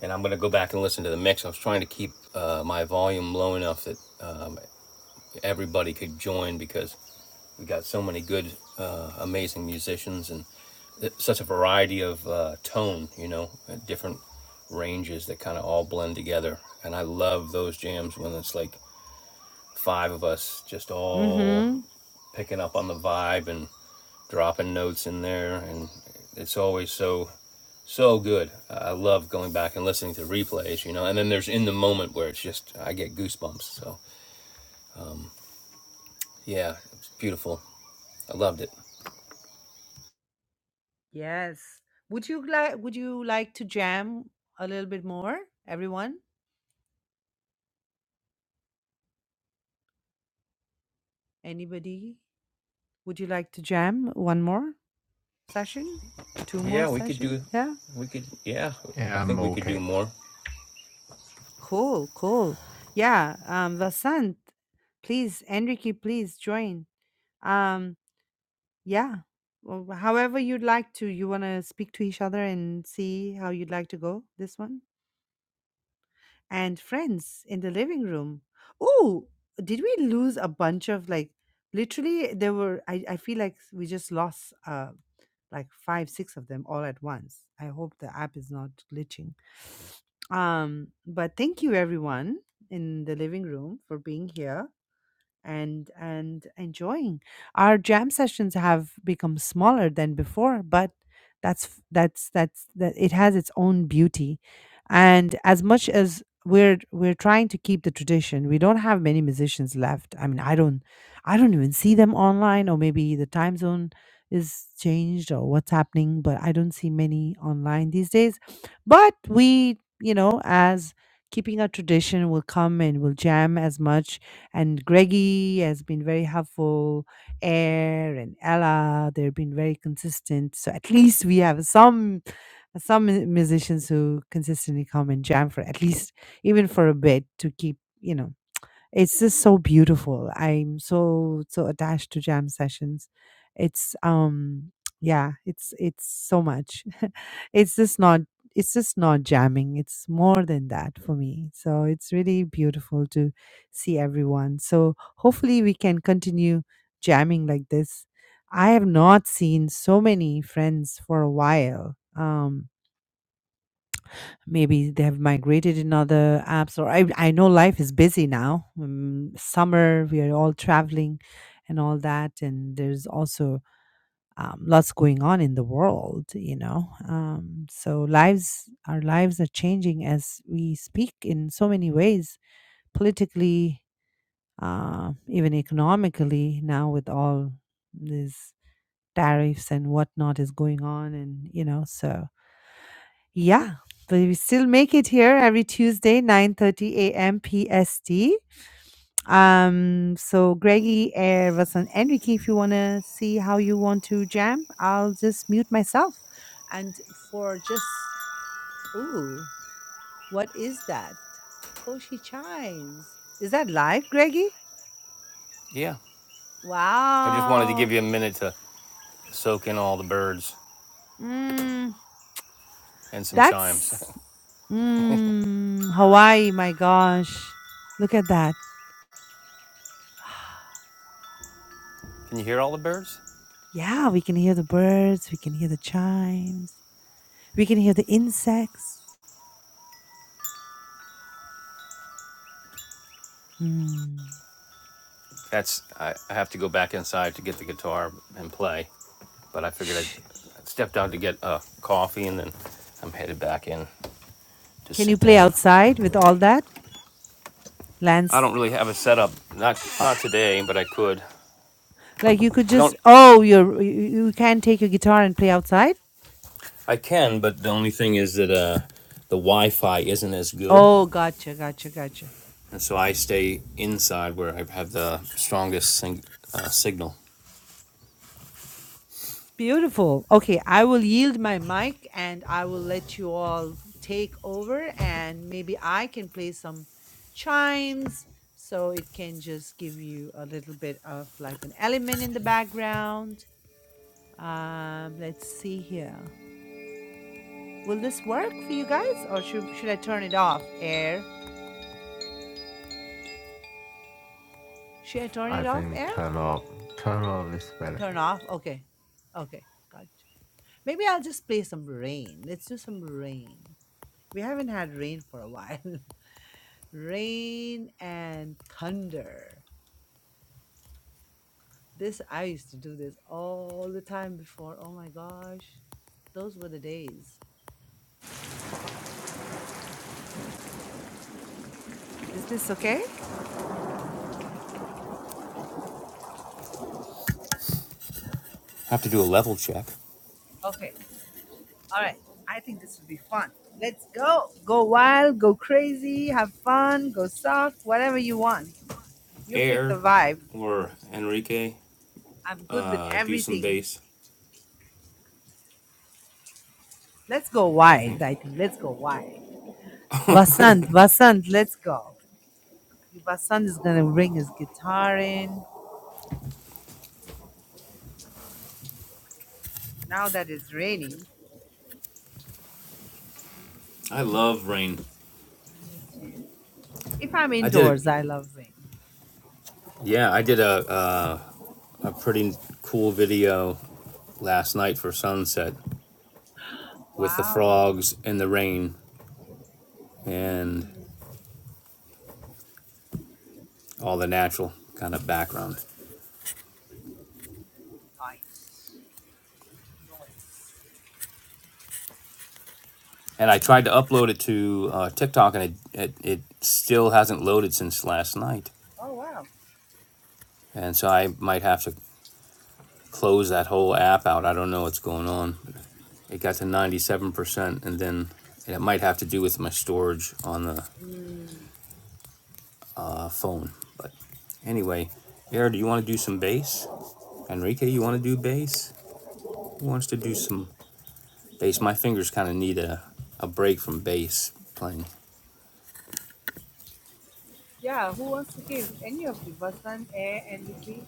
Speaker 2: and I'm gonna go back and listen to the mix. I was trying to keep uh, my volume low enough that um, everybody could join because we got so many good, uh, amazing musicians and uh, such a variety of uh, tone, you know, uh, different ranges that kind of all blend together. And I love those jams when it's like five of us just all
Speaker 1: Mm-hmm.
Speaker 2: picking up on the vibe and dropping notes in there. And it's always so, so good. I love going back and listening to replays, you know. And then there's in the moment where it's just, I get goosebumps. So yeah, it's beautiful. I loved it.
Speaker 1: Yes. Would you like would you like to jam a little bit more? Everyone? Anybody? Would you like to jam one more? session? Two more
Speaker 2: Yeah, we could
Speaker 1: session?
Speaker 2: do,
Speaker 1: Yeah.
Speaker 2: we could, yeah, I
Speaker 4: Yeah, I'm
Speaker 2: think we could do
Speaker 4: okay.
Speaker 2: more.
Speaker 1: Cool, cool. Yeah. Um, Vasant, please, Enrique, please join. Um, yeah. Well, however you'd like to, you want to speak to each other and see how you'd like to go this one? and friends in the living room. Oh, did we lose a bunch of like literally there were I, I feel like we just lost uh like five, six of them all at once. I hope the app is not glitching. Um, but thank you everyone in the living room for being here and and enjoying our jam sessions have become smaller than before but that's f- that's that's that it has its own beauty and as much as we're we're trying to keep the tradition we don't have many musicians left i mean i don't i don't even see them online or maybe the time zone is changed or what's happening but i don't see many online these days but we you know as keeping our tradition will come and will jam as much and Greggy has been very helpful. Air and Ella, they've been very consistent. So at least we have some some mu- musicians who consistently come and jam for at least even for a bit to keep you know it's just so beautiful. I'm so so attached to jam sessions. It's um yeah, it's it's so much. it's just not it's just not jamming. It's more than that for me. So it's really beautiful to see everyone. So hopefully we can continue jamming like this. I have not seen so many friends for a while. Um maybe they have migrated in other apps or i i know life is busy now um, summer we are all traveling and all that and there's also um, lots going on in the world you know um, so lives our lives are changing as we speak in so many ways politically uh, even economically now with all these tariffs and whatnot is going on and you know so yeah, but we still make it here every Tuesday, 9:30 a.m. PST. Um, so Greggy, Erebus, and Enrique, if you want to see how you want to jam, I'll just mute myself. And for just, ooh, what is that? Koshi Chimes. Is that live, Greggy?
Speaker 2: Yeah. I just wanted to
Speaker 1: Wow.
Speaker 2: give you a minute to soak in all the birds
Speaker 1: Mm,
Speaker 2: and some chimes.
Speaker 1: that's mm, Hawaii. My gosh, look at that.
Speaker 2: Can you hear all the birds?
Speaker 1: Yeah, we can hear the birds, we can hear the chimes, we can hear the insects. Mm.
Speaker 2: That's, I, I have to go back inside to get the guitar and play, but I figured I'd
Speaker 1: Shh.
Speaker 2: i stepped out to get a uh, coffee and then I'm headed back in to
Speaker 1: Can you
Speaker 2: sit
Speaker 1: play
Speaker 2: down.
Speaker 1: outside with all that?
Speaker 2: I
Speaker 1: Lance,
Speaker 2: don't really have a setup, not
Speaker 1: uh,
Speaker 2: not today, but I could.
Speaker 1: like you could
Speaker 2: I don't,
Speaker 1: just, oh, you're, you, you you can take your guitar and play outside?
Speaker 2: I can, but the only thing is that uh, the Wi-Fi isn't as good
Speaker 1: Oh, gotcha, gotcha, gotcha.
Speaker 2: and so I stay inside where I have the strongest sing- uh, signal.
Speaker 1: Beautiful. Okay, I will yield my mic and I will let you all take over, and maybe I can play some chimes so it can just give you a little bit of like an element in the background. Um, let's see here. Will this work for you guys, or should should I turn it off? Air? Should I turn
Speaker 4: I
Speaker 1: it off?
Speaker 4: think
Speaker 1: Air?
Speaker 4: turn off, turn off is better.
Speaker 1: Turn off. Okay. Okay. Gotcha. Maybe I'll just play some rain. Let's do some rain. We haven't had rain for a while. rain and thunder. This I used to do this all the time before. Oh my gosh. Those were the days. Is this okay?
Speaker 2: I have to do a level check.
Speaker 1: Okay. All right. I think this would be fun. Let's go. Go wild, go crazy, have fun, go soft, whatever you want. You pick the
Speaker 2: Air
Speaker 1: vibe.
Speaker 2: or Enrique
Speaker 1: I'm good with
Speaker 2: uh, do some
Speaker 1: everything.
Speaker 2: bass.
Speaker 1: Let's go
Speaker 2: I
Speaker 1: wild,
Speaker 2: think
Speaker 1: I think. Let's go wild. Vasant, Vasant, let's go. Vasant is going to bring his guitar in. Now that it's raining,
Speaker 2: I love rain.
Speaker 1: If I'm
Speaker 2: I did it.
Speaker 1: indoors, I love rain.
Speaker 2: Yeah, I did a uh, a pretty cool video last night for sunset with the
Speaker 1: Wow.
Speaker 2: frogs and the rain and all the natural kind of background.
Speaker 1: Nice. Noise.
Speaker 2: And I tried to upload it to uh, TikTok, and it, it it still hasn't loaded since last night.
Speaker 1: Oh, wow.
Speaker 2: And so I might have to close that whole app out. I don't know what's going on. it got to 97%, and then and it might have to do with my storage on the
Speaker 1: Mm,
Speaker 2: uh, phone. But anyway, Air, do you want to do some bass? Enrique, you want to do bass? Who wants to do some bass? My fingers kind of need a, a break from bass playing.
Speaker 1: Yeah, who wants to give? Any of you? Vasan, Air, and Vicky?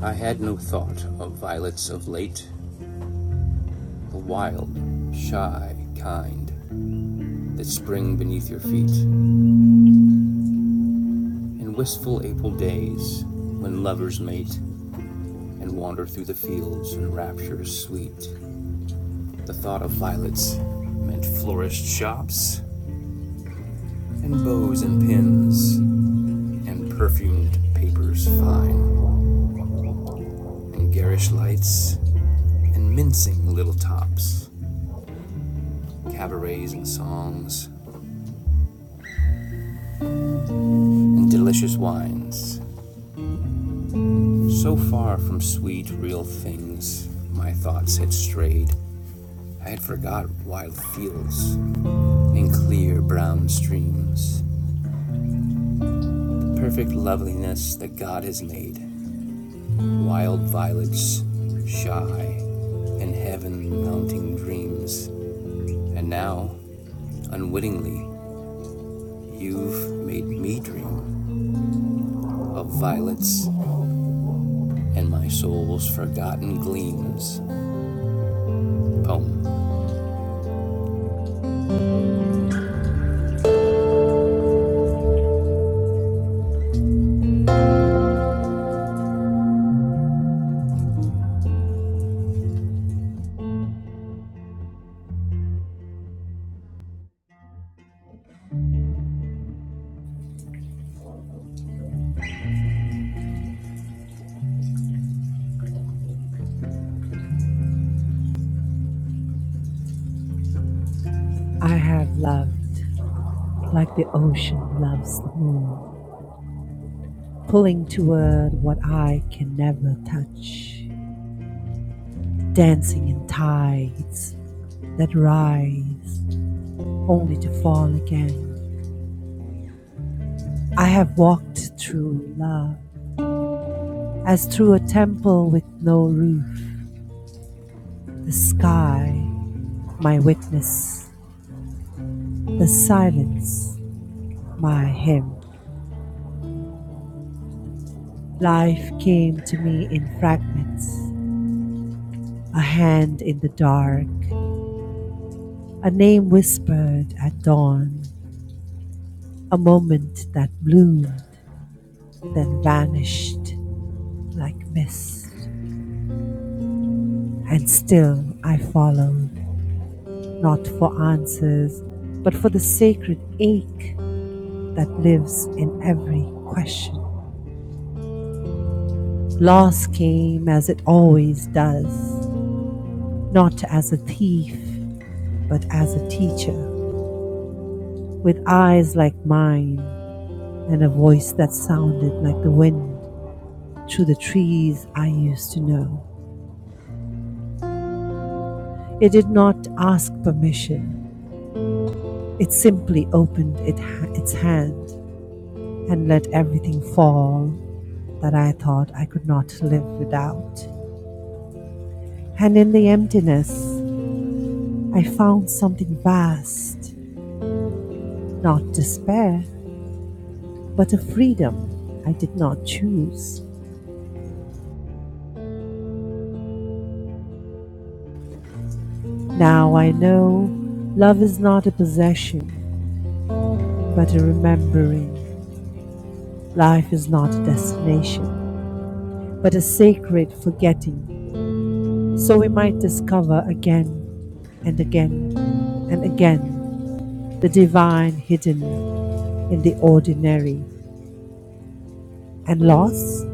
Speaker 2: I had no thought of violets of late, the wild, shy, kind, that spring beneath your feet, in wistful April days when lovers mate and wander through the fields in raptures sweet. The thought of violets meant florist shops and bows and pins and perfumed papers fine and garish lights and mincing little tops, cabarets and songs and delicious wines. So far from sweet, real things, my thoughts had strayed. I had forgot wild fields and clear brown streams, the perfect loveliness that God has made. Wild violets, shy, and heaven mounting dreams. And now, unwittingly, you've made me dream of violets and my soul's forgotten gleams. Poem.
Speaker 1: I have loved, like the ocean loves the moon, pulling toward what I can never touch, dancing in tides that rise only to fall again. I have walked through love as through a temple with no roof, the sky My witness, the silence, my hymn. Life came to me in fragments, a hand in the dark, a name whispered at dawn, a moment that bloomed, then vanished like mist. And still I followed, not for answers, but for the sacred ache that lives in every question. Loss came as it always does not as a thief, but as a teacher, with eyes like mine and a voice that sounded like the wind through the trees I used to know. It did not ask permission, it simply opened it ha- its hand and let everything fall that I thought I could not live without. And in the emptiness, I found something vast, not despair, but a freedom I did not choose. Now I know love is not a possession, but a remembering. Life is not a destination, but a sacred forgetting. So we might discover again and again and again the divine hidden in the ordinary. And loss?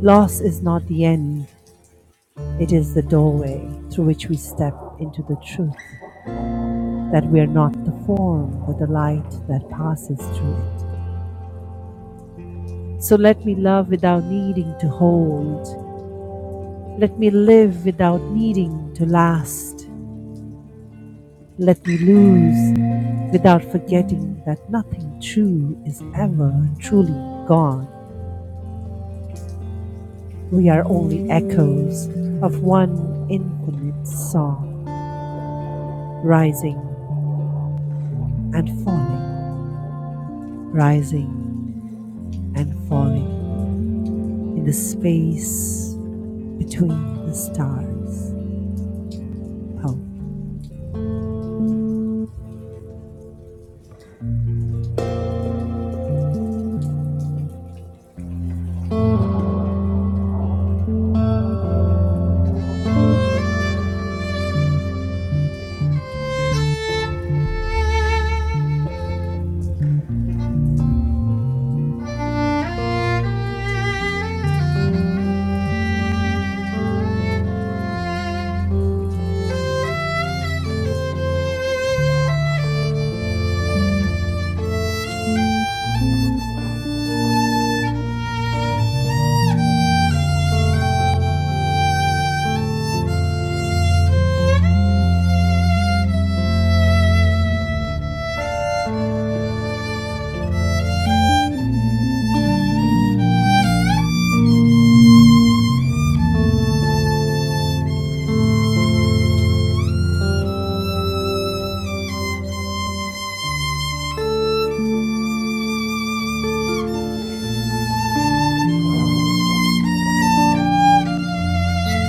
Speaker 1: Loss is not the end, it is the doorway through which we step into the truth that we are not the form, but the light that passes through it. So let me love without needing to hold. Let me live without needing to last. Let me lose without forgetting that nothing true is ever truly gone. We are only echoes of one infinite song, rising and falling, rising and falling in the space between the stars. Poem.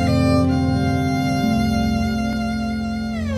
Speaker 3: you. Thank you.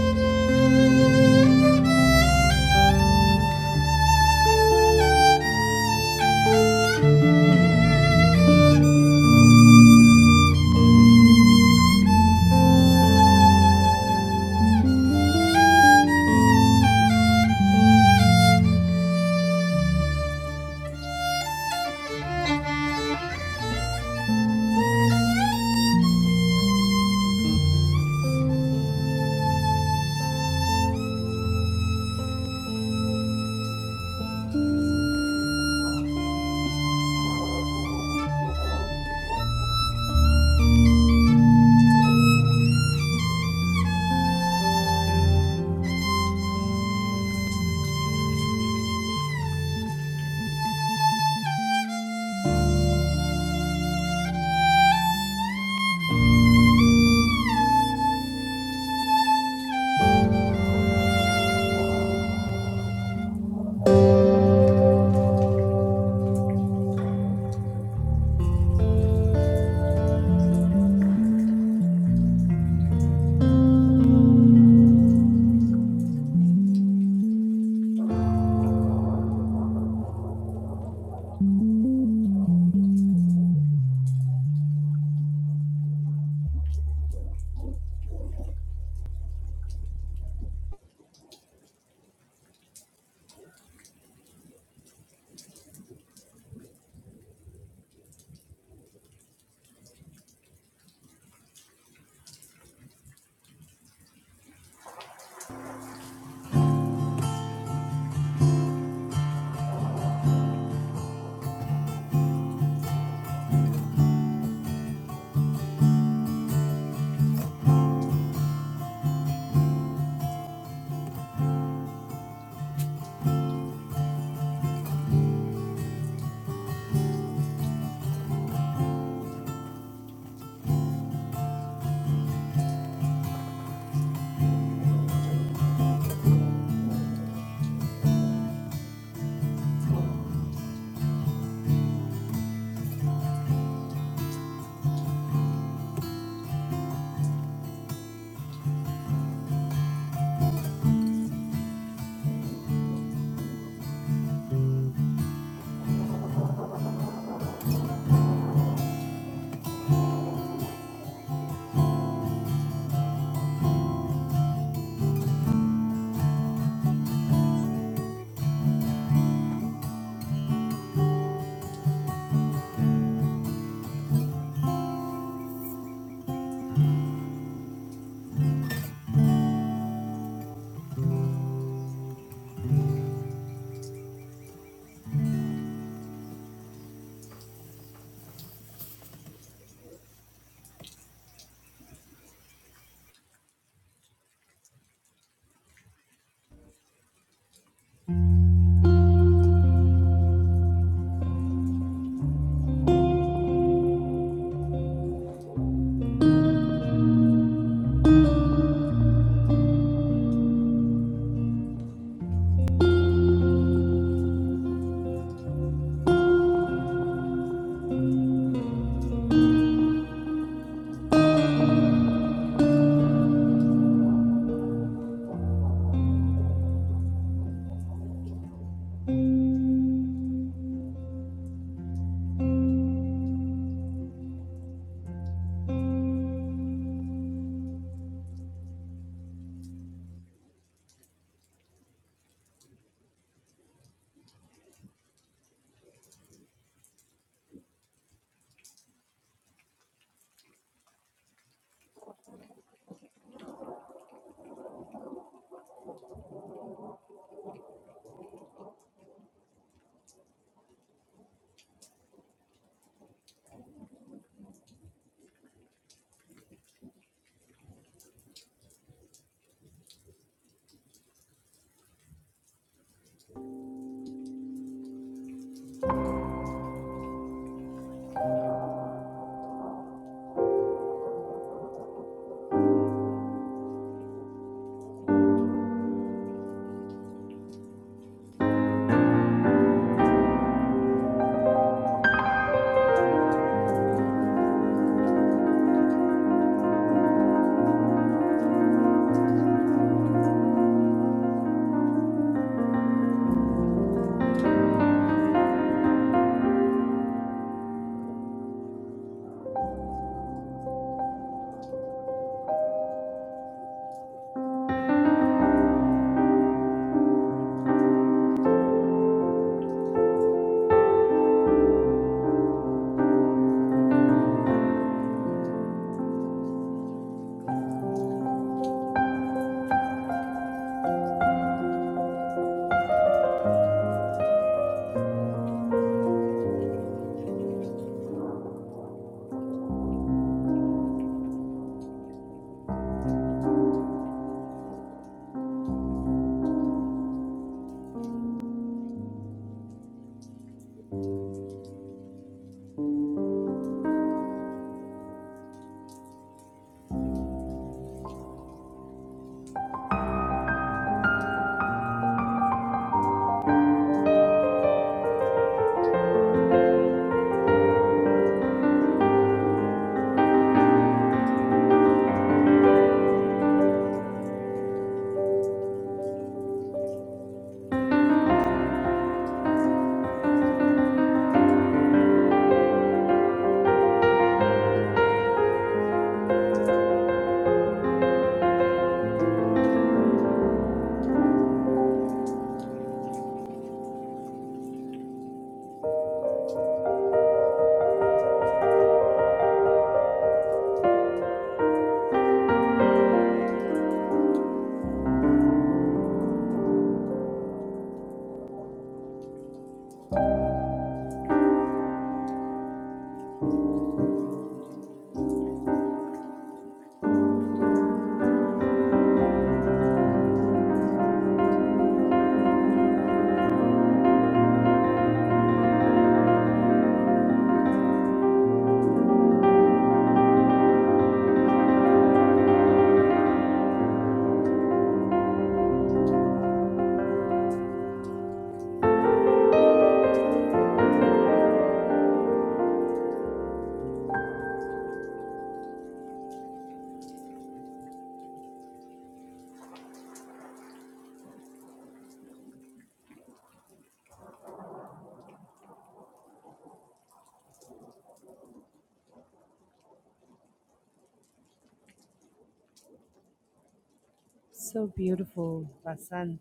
Speaker 1: So beautiful, Vasant.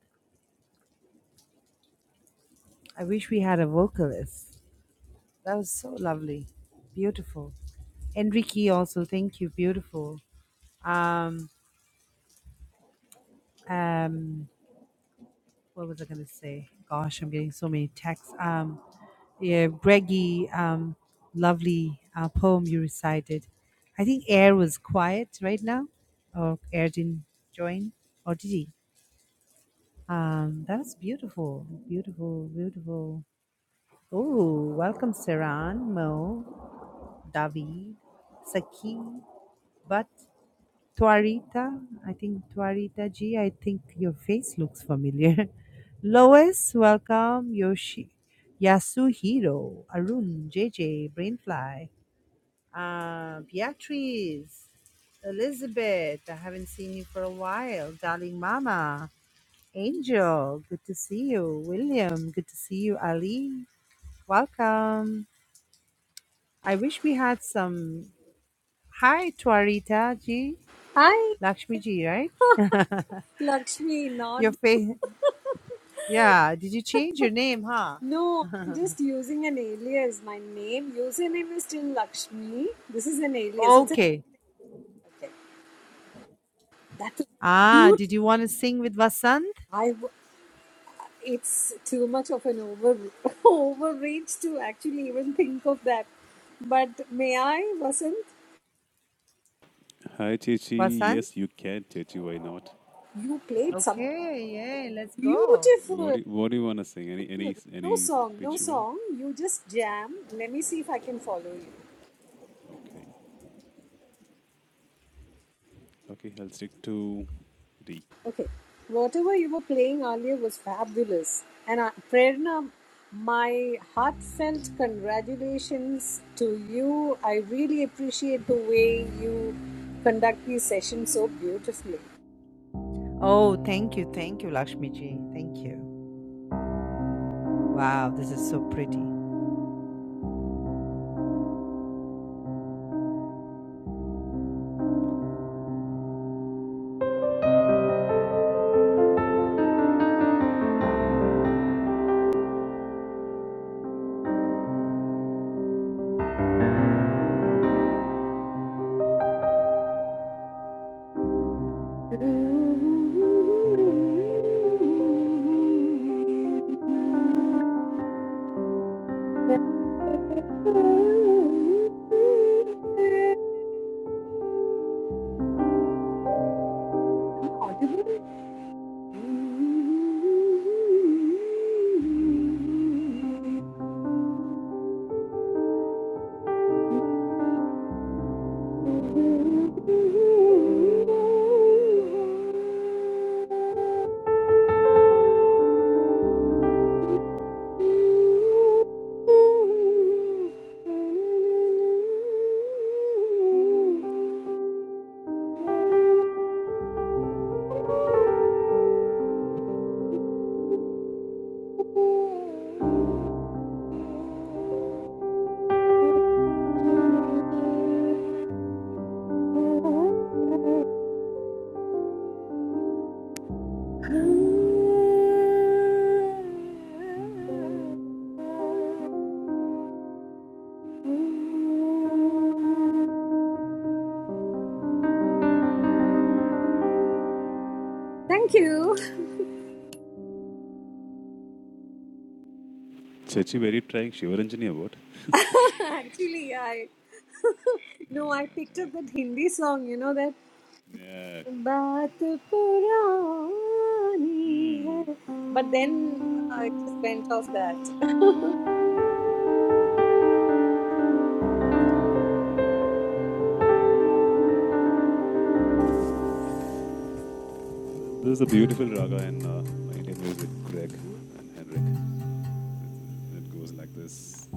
Speaker 1: I wish we had a vocalist. That was so lovely. Beautiful. Enrique also, thank you. Beautiful. Um um what was I gonna say? Gosh, I'm getting so many texts. Um yeah, Greggy, um lovely uh, poem you recited. I think Air was quiet right now. Or Air didn't join. Or did he? Um that was beautiful. Beautiful, beautiful. Oh, welcome Saran, Mo, David, Saki. But Tuarita, I think Tuarita G, I think your face looks familiar. Lois, welcome. Yoshi, Yasuhiro, Arun, J J, Brainfly, uh, Beatrice, Elizabeth, I haven't seen you for a while. Darling Mama, Angel, good to see you. William, good to see you. Ali, welcome. I wish we had some. Hi, Tuarita G,
Speaker 7: Hi,
Speaker 1: Lakshmi G, right?
Speaker 7: Lakshmi. Not
Speaker 1: Your face. Yeah. Did you change your name, huh?
Speaker 7: no. I'm just using an alias. My name, username is still Lakshmi. This is an alias. It's a
Speaker 1: Okay.
Speaker 7: that's a
Speaker 1: Ah,
Speaker 7: cute.
Speaker 1: did you want to sing with Vasant?
Speaker 7: I. w- It's too much of an over overreach to actually even think of that. But may I, Vasant?
Speaker 6: Hi, Chechi.
Speaker 1: Vasant?
Speaker 6: Yes, you can, Chechi. Why not?
Speaker 7: You played some
Speaker 1: Okay. Yay. Let's go.
Speaker 6: What
Speaker 7: beautiful.
Speaker 6: do you, What do you want to sing? Any any
Speaker 7: No
Speaker 6: any
Speaker 7: song, no
Speaker 6: pitch you want?
Speaker 7: song. You just jam. Let me see if I can follow you.
Speaker 6: Okay. Okay, I'll stick to D.
Speaker 7: Okay, whatever you were playing earlier was fabulous. And uh, Prerna, my heartfelt congratulations to you. I really appreciate the way you conduct these sessions so beautifully.
Speaker 1: Oh, thank you. Thank you, Lakshmi ji. Thank you. Wow. This is so pretty.
Speaker 7: Am I audible? Thank you.
Speaker 6: Chechi very trying Shivaranjani what?
Speaker 7: Actually, I no, I picked up that
Speaker 6: Like,
Speaker 7: Hindi song. You know that
Speaker 6: yeah.
Speaker 7: बात पुरानी
Speaker 6: Hmm.
Speaker 7: है. But then I just went off that.
Speaker 6: This is a beautiful raga in uh, Indian music, Greg and Henrik. It goes like this.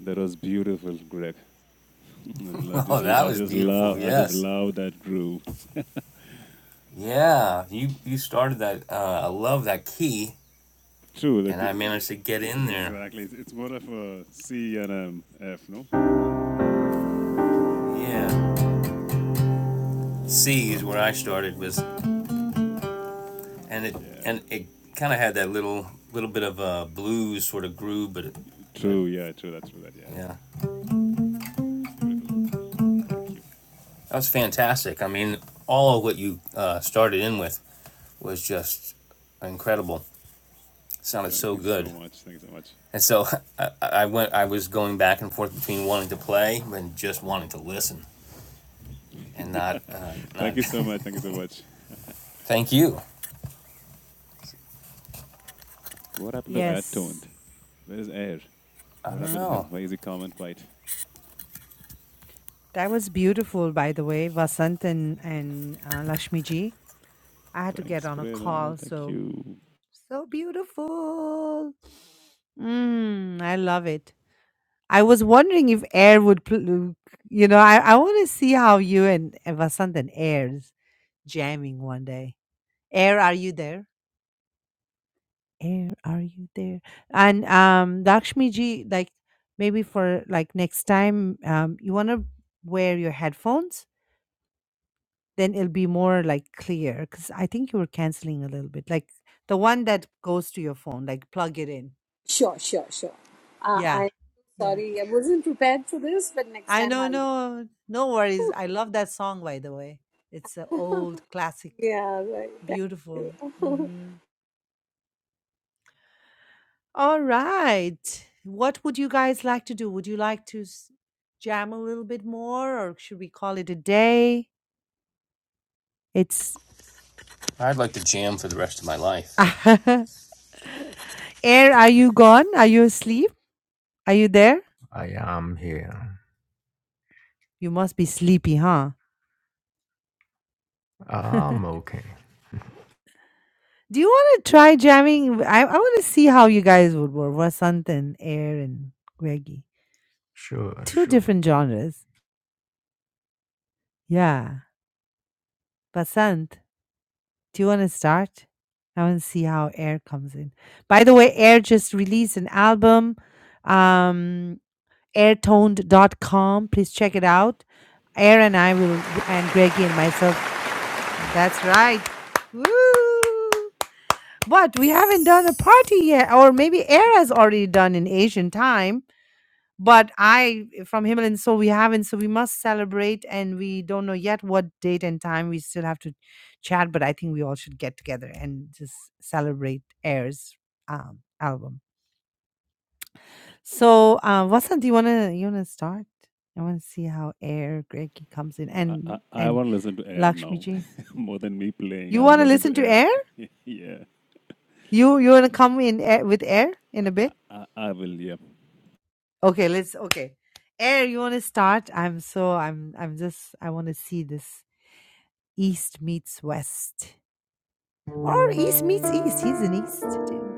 Speaker 6: That was beautiful, Greg. I
Speaker 2: Oh,
Speaker 6: just,
Speaker 2: that
Speaker 6: I
Speaker 2: was
Speaker 6: just
Speaker 2: beautiful.
Speaker 6: love, I just
Speaker 2: Yes.
Speaker 6: love that groove.
Speaker 2: Yeah. You you started that. Uh, I love that key,
Speaker 6: True, that
Speaker 2: and I
Speaker 6: the,
Speaker 2: managed to get in there.
Speaker 6: exactly. It's, it's more of a C and um, F, no?
Speaker 2: Yeah. C is where I started with, and it
Speaker 6: Yeah.
Speaker 2: and it kind of had that little little bit of a blues sort of groove, but it, but
Speaker 6: True. Yeah. True. That's true. That. Yeah.
Speaker 2: Yeah,
Speaker 6: Beautiful. Thank you.
Speaker 2: that was fantastic. I mean, all of what you uh, started in with was just incredible. It sounded
Speaker 6: Thank
Speaker 2: so
Speaker 6: you so
Speaker 2: good,
Speaker 6: much. Thank you so much.
Speaker 2: and so I, I went. I was going back and forth between wanting to play and just wanting to listen, and not uh,
Speaker 6: Thank
Speaker 2: not.
Speaker 6: you so much. Thank you so much.
Speaker 2: thank you.
Speaker 6: What happened to Air Toned?
Speaker 1: Yes.
Speaker 6: Where is Air?
Speaker 2: I
Speaker 6: What
Speaker 2: don't
Speaker 6: happened to him?
Speaker 2: know.
Speaker 6: Why is he calm and quiet?
Speaker 1: That was beautiful, by the way, Vasant and, and uh, Lakshmi ji. I had to get
Speaker 6: Thanks,
Speaker 1: on a
Speaker 6: Prerna.
Speaker 1: call.
Speaker 6: Thank
Speaker 1: So,
Speaker 6: you.
Speaker 1: so beautiful. Mm, I love it. I was wondering if Air would, pl- you know, I, I want to see how you and, and Vasant and Air's jamming one day. Air, are you there? Air, are you there? And um, Lakshmi ji, like maybe for like next time, um, you want to wear your headphones, then it'll be more like clear because I think you were canceling a little bit, like the one that goes to your phone, like plug it in.
Speaker 7: Sure, sure, sure. Uh,
Speaker 1: Yeah,
Speaker 7: I'm
Speaker 1: yeah.
Speaker 7: sorry, I wasn't prepared for this, but next
Speaker 1: I
Speaker 7: time
Speaker 1: don't
Speaker 7: I'll
Speaker 1: know. No no worries. I love that song, by the way. It's an old classic.
Speaker 7: Yeah, right. Thank
Speaker 1: Beautiful.
Speaker 7: you.
Speaker 1: hmm All right. What would you guys like to do? Would you like to s- jam a little bit more, or should we call it a day? It's
Speaker 2: I'd like to jam for the rest of my life.
Speaker 1: Air, are you gone? Are you asleep? Are you there?
Speaker 4: I am here.
Speaker 1: You must be sleepy, huh?
Speaker 4: I'm okay.
Speaker 1: Do you want to try jamming? I, I want to see how you guys would work. Vasant and Air and Greggy.
Speaker 4: Sure,
Speaker 1: Two
Speaker 4: sure.
Speaker 1: different genres. Yeah, but Sant, do you want to start? I want to see how Air comes in. By the way, Air just released an album, um, airtoned dot com. Please check it out. Air and I will, and Greggy and myself. That's right. Woo! But we haven't done a party yet, or maybe Air has already done in Asian time. But I from Himalayan so we haven't, so we must celebrate, and we don't know yet what date and time. We still have to chat, but I think we all should get together and just celebrate Air's um, album. So, uh, Vasant, do you wanna you wanna start? I want to see how Air Greggy comes in,
Speaker 6: I, I,
Speaker 1: and
Speaker 6: I
Speaker 1: and
Speaker 6: want to listen to air
Speaker 1: Lakshmi
Speaker 6: now.
Speaker 1: ji,
Speaker 6: More than me playing,
Speaker 1: you
Speaker 6: I want to
Speaker 1: wanna
Speaker 6: listen to
Speaker 1: listen to
Speaker 6: air.
Speaker 1: Air?
Speaker 6: yeah,
Speaker 1: You you wanna come in air, with Air in a
Speaker 6: I,
Speaker 1: bit?
Speaker 6: I, I will, yeah.
Speaker 1: Okay, let's. Okay, Air, you wanna start? I'm so I'm I'm just I wanna see this East meets West, or East meets East. He's an East too.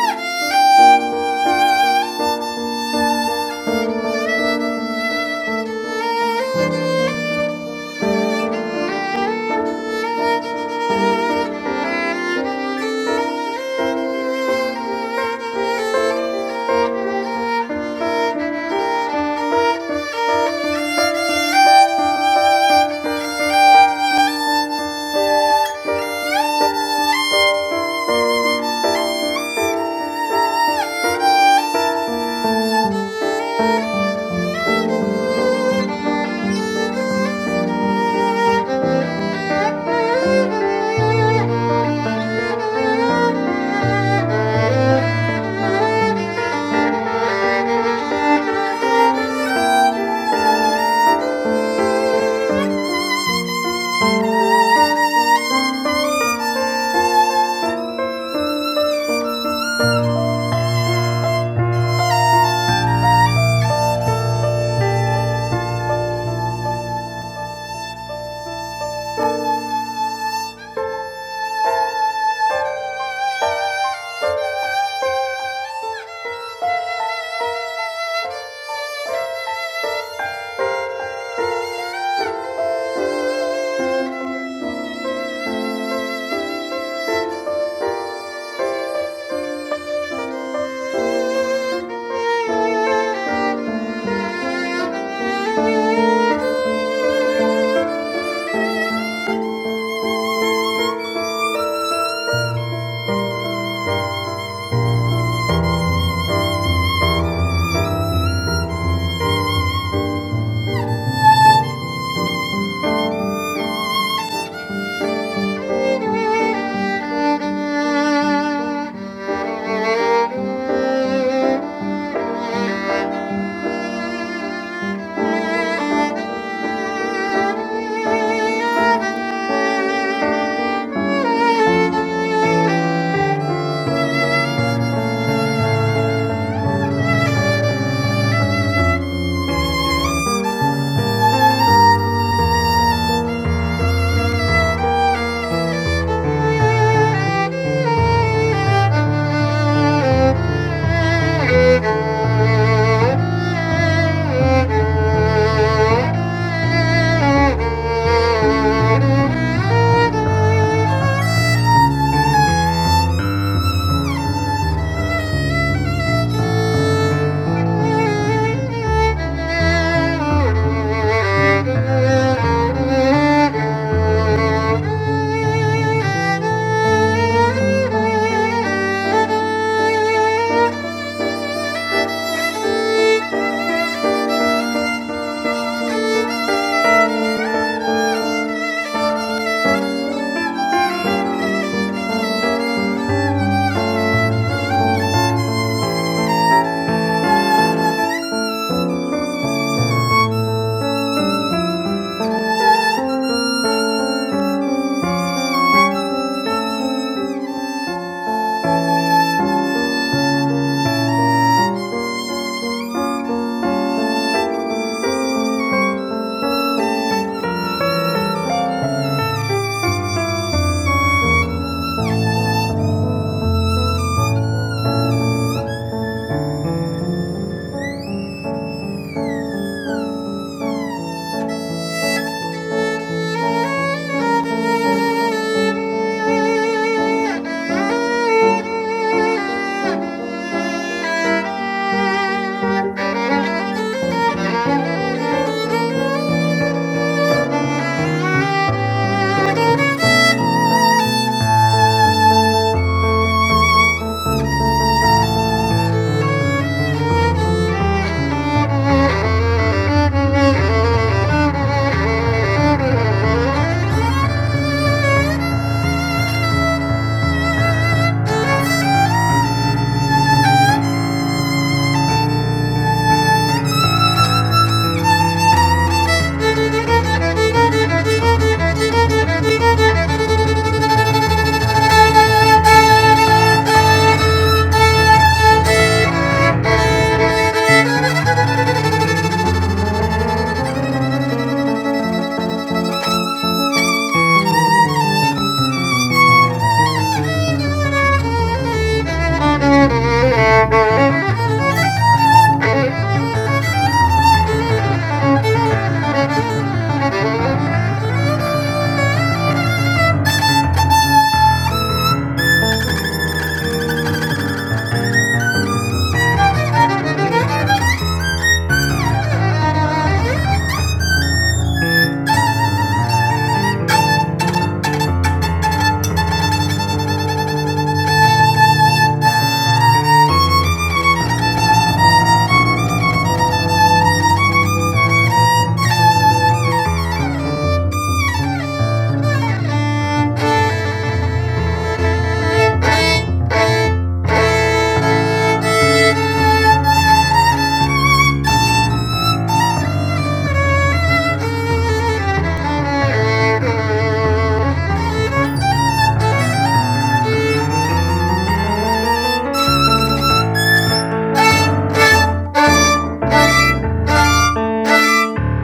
Speaker 3: Thank you. Thank you. Thank you. Thank you. Thank you. Thank you. Thank you.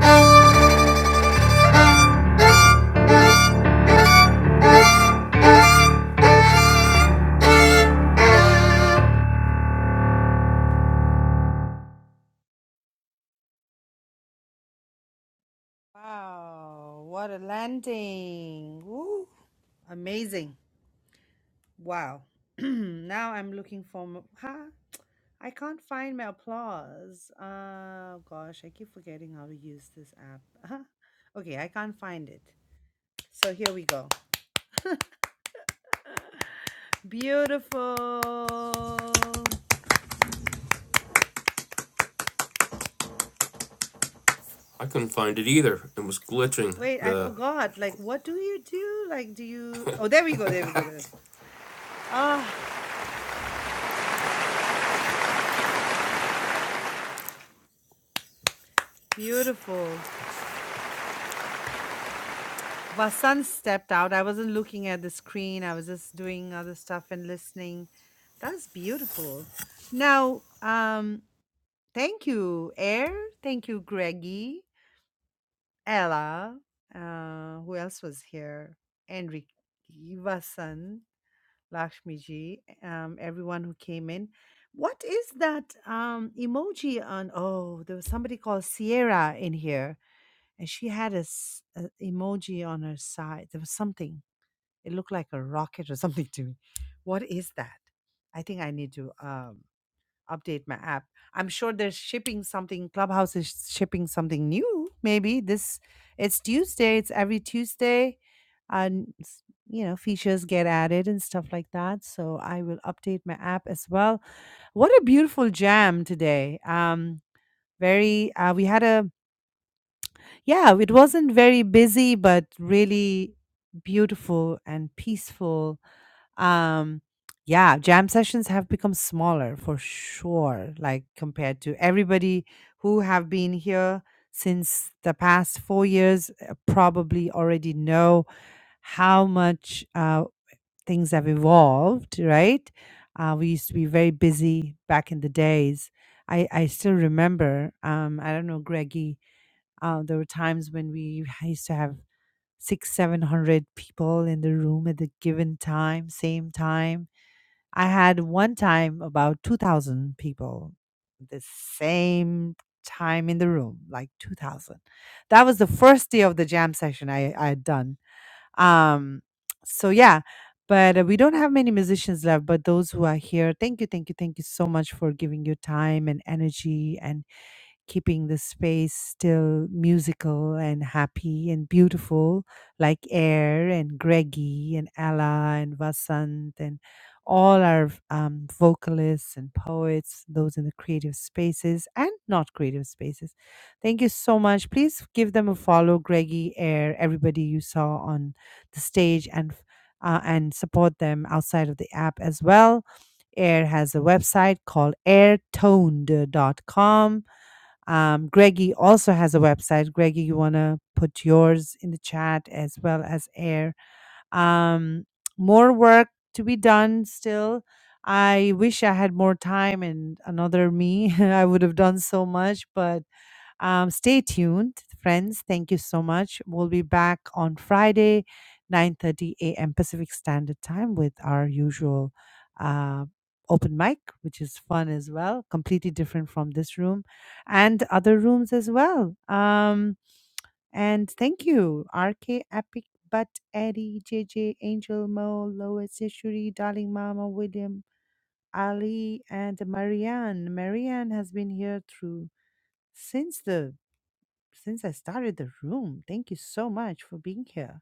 Speaker 3: Thank you. Thank you.
Speaker 1: Wow, what a landing. Woo. Amazing. Wow. now I'm looking for mo- huh? I can't find my applause. Uh, gosh, I keep forgetting how to use this app. okay, I can't find it. So here we go. Beautiful.
Speaker 2: I couldn't find it either. It was glitching.
Speaker 1: Wait, I
Speaker 2: The
Speaker 1: forgot. Like, what do you do? Like, do you? Oh, there we go. There we go. There. Ah, beautiful. Vasan stepped out. I wasn't looking at the screen. I was just doing other stuff and listening. That's beautiful. Now, um, thank you, Air. Thank you, Greggy. Ella, uh, who else was here? Enrique, Vasan, Lakshmiji, um, everyone who came in. What is that um, emoji on? Oh, there was somebody called Sierra in here, and she had a, s- a emoji on her side. There was something. It looked like a rocket or something to me. What is that? I think I need to. um, update my app. I'm sure they're shipping something. Clubhouse is shipping something new. Maybe this it's Tuesday. It's every Tuesday, and s- you know features get added and stuff like that. So I will update my app as well. What a beautiful jam today. Um, very. Uh, we had a yeah. It wasn't very busy, but really beautiful and peaceful um, yeah, jam sessions have become smaller for sure, like compared to everybody who have been here since the past four years, uh, probably already know how much uh, things have evolved, right? Uh, we used to be very busy back in the days. I, I still remember, um, I don't know, Greggy, uh, there were times when we used to have six, seven hundred people in the room at the given time, same time I had one time about 2,000 people the same time in the room, like 2,000. That was the first day of the jam session I, I had done. Um, so, yeah, but uh, we don't have many musicians left, but those who are here, thank you, thank you, thank you so much for giving your time and energy and keeping the space still musical and happy and beautiful, like Air and Greggy and Ella and Vasant and all our um, vocalists and poets, those in the creative spaces and not creative spaces. Thank you so much. Please give them a follow, Greggy, Air, everybody you saw on the stage, and uh, and support them outside of the app as well. Air has a website called airtoned.com um, Greggy also has a website. Greggy, you want to put yours in the chat as well as air. Um, more work to be done still. I wish I had more time and another me. I would have done so much, but um, stay tuned, friends. Thank you so much. We'll be back on Friday, 9:30 a.m. Pacific Standard Time with our usual uh, open mic, which is fun as well, completely different from this room and other rooms as well. Um, and thank you, RK Epic Butt, Eddie, JJ, Angel, Mo, Lois, Yashuri, Darling Mama, William, Ali, and Marianne. Marianne has been here through since the since I started the room. Thank you so much for being here.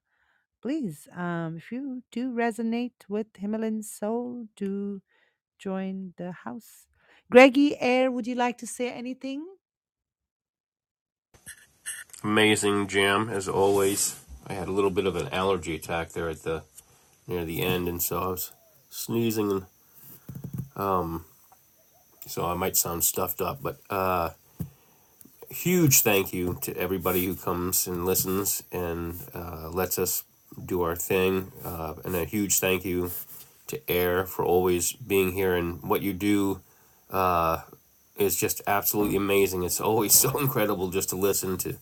Speaker 1: Please, um, if you do resonate with Himalayan soul, do join the house. Greggy Air, would you like to say anything?
Speaker 2: amazing jam, as always. I had a little bit of an allergy attack there at the near the end, and so I was sneezing and um, so I might sound stuffed up, but uh, huge thank you to everybody who comes and listens and uh, lets us do our thing, uh, and a huge thank you to Air for always being here and what you do is just absolutely amazing. It's always so incredible just to listen to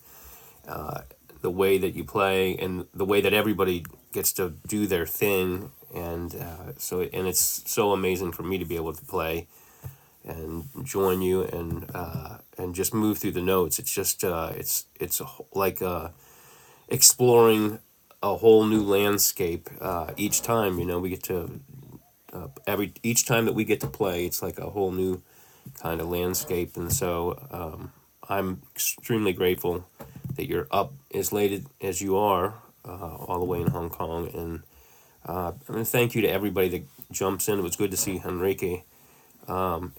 Speaker 2: the way that you play and the way that everybody gets to do their thing, and uh, so and it's so amazing for me to be able to play and join you and uh, and just move through the notes. It's just uh, it's it's like uh, exploring a whole new landscape uh, each time. You know, we get to every each time that we get to play, it's like a whole new kind of landscape. And so uh, I'm extremely grateful that you're up as late as you are, uh, all the way in Hong Kong. And I mean, thank you to everybody that jumps in. It was good to see Henrique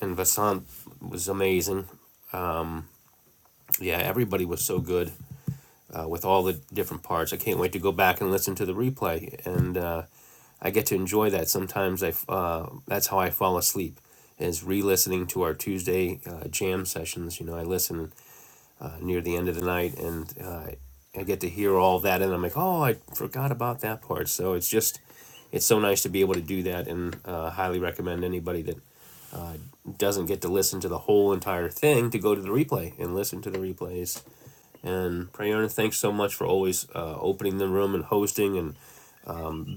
Speaker 2: and Vasant was amazing. Yeah, everybody was so good. uh, with all the different parts. I can't wait to go back and listen to the replay, and uh, I get to enjoy that. Sometimes I uh, that's how I fall asleep is re-listening to our Tuesday uh, jam sessions. You know, I listen uh, near the end of the night, and uh, I get to hear all that, and I'm like, oh, I forgot about that part. So it's just. It's so nice to be able to do that, and uh, highly recommend anybody that uh, doesn't get to listen to the whole entire thing to go to the replay and listen to the replays and Prayona, thanks so much for always uh, opening the room and hosting and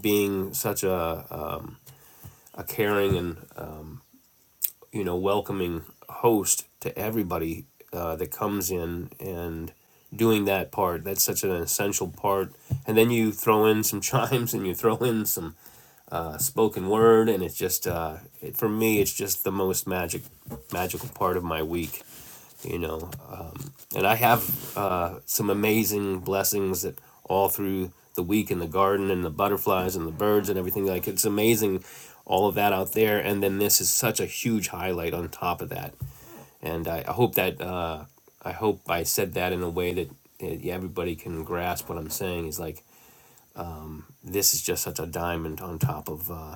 Speaker 2: being such a, a caring and uh, you know welcoming host to everybody uh, that comes in and doing that part. That's such an essential part. And then you throw in some chimes and you throw in some uh, spoken word, and it's just uh, it, for me, it's just the most magic magical part of my week you know um, and i have uh, some amazing blessings that all through the week in the garden and the butterflies and the birds and everything like it's amazing all of that out there and then this is such a huge highlight on top of that and i, I hope that uh, i hope i said that in a way that uh, everybody can grasp what i'm saying is like this is just such a diamond on top of uh,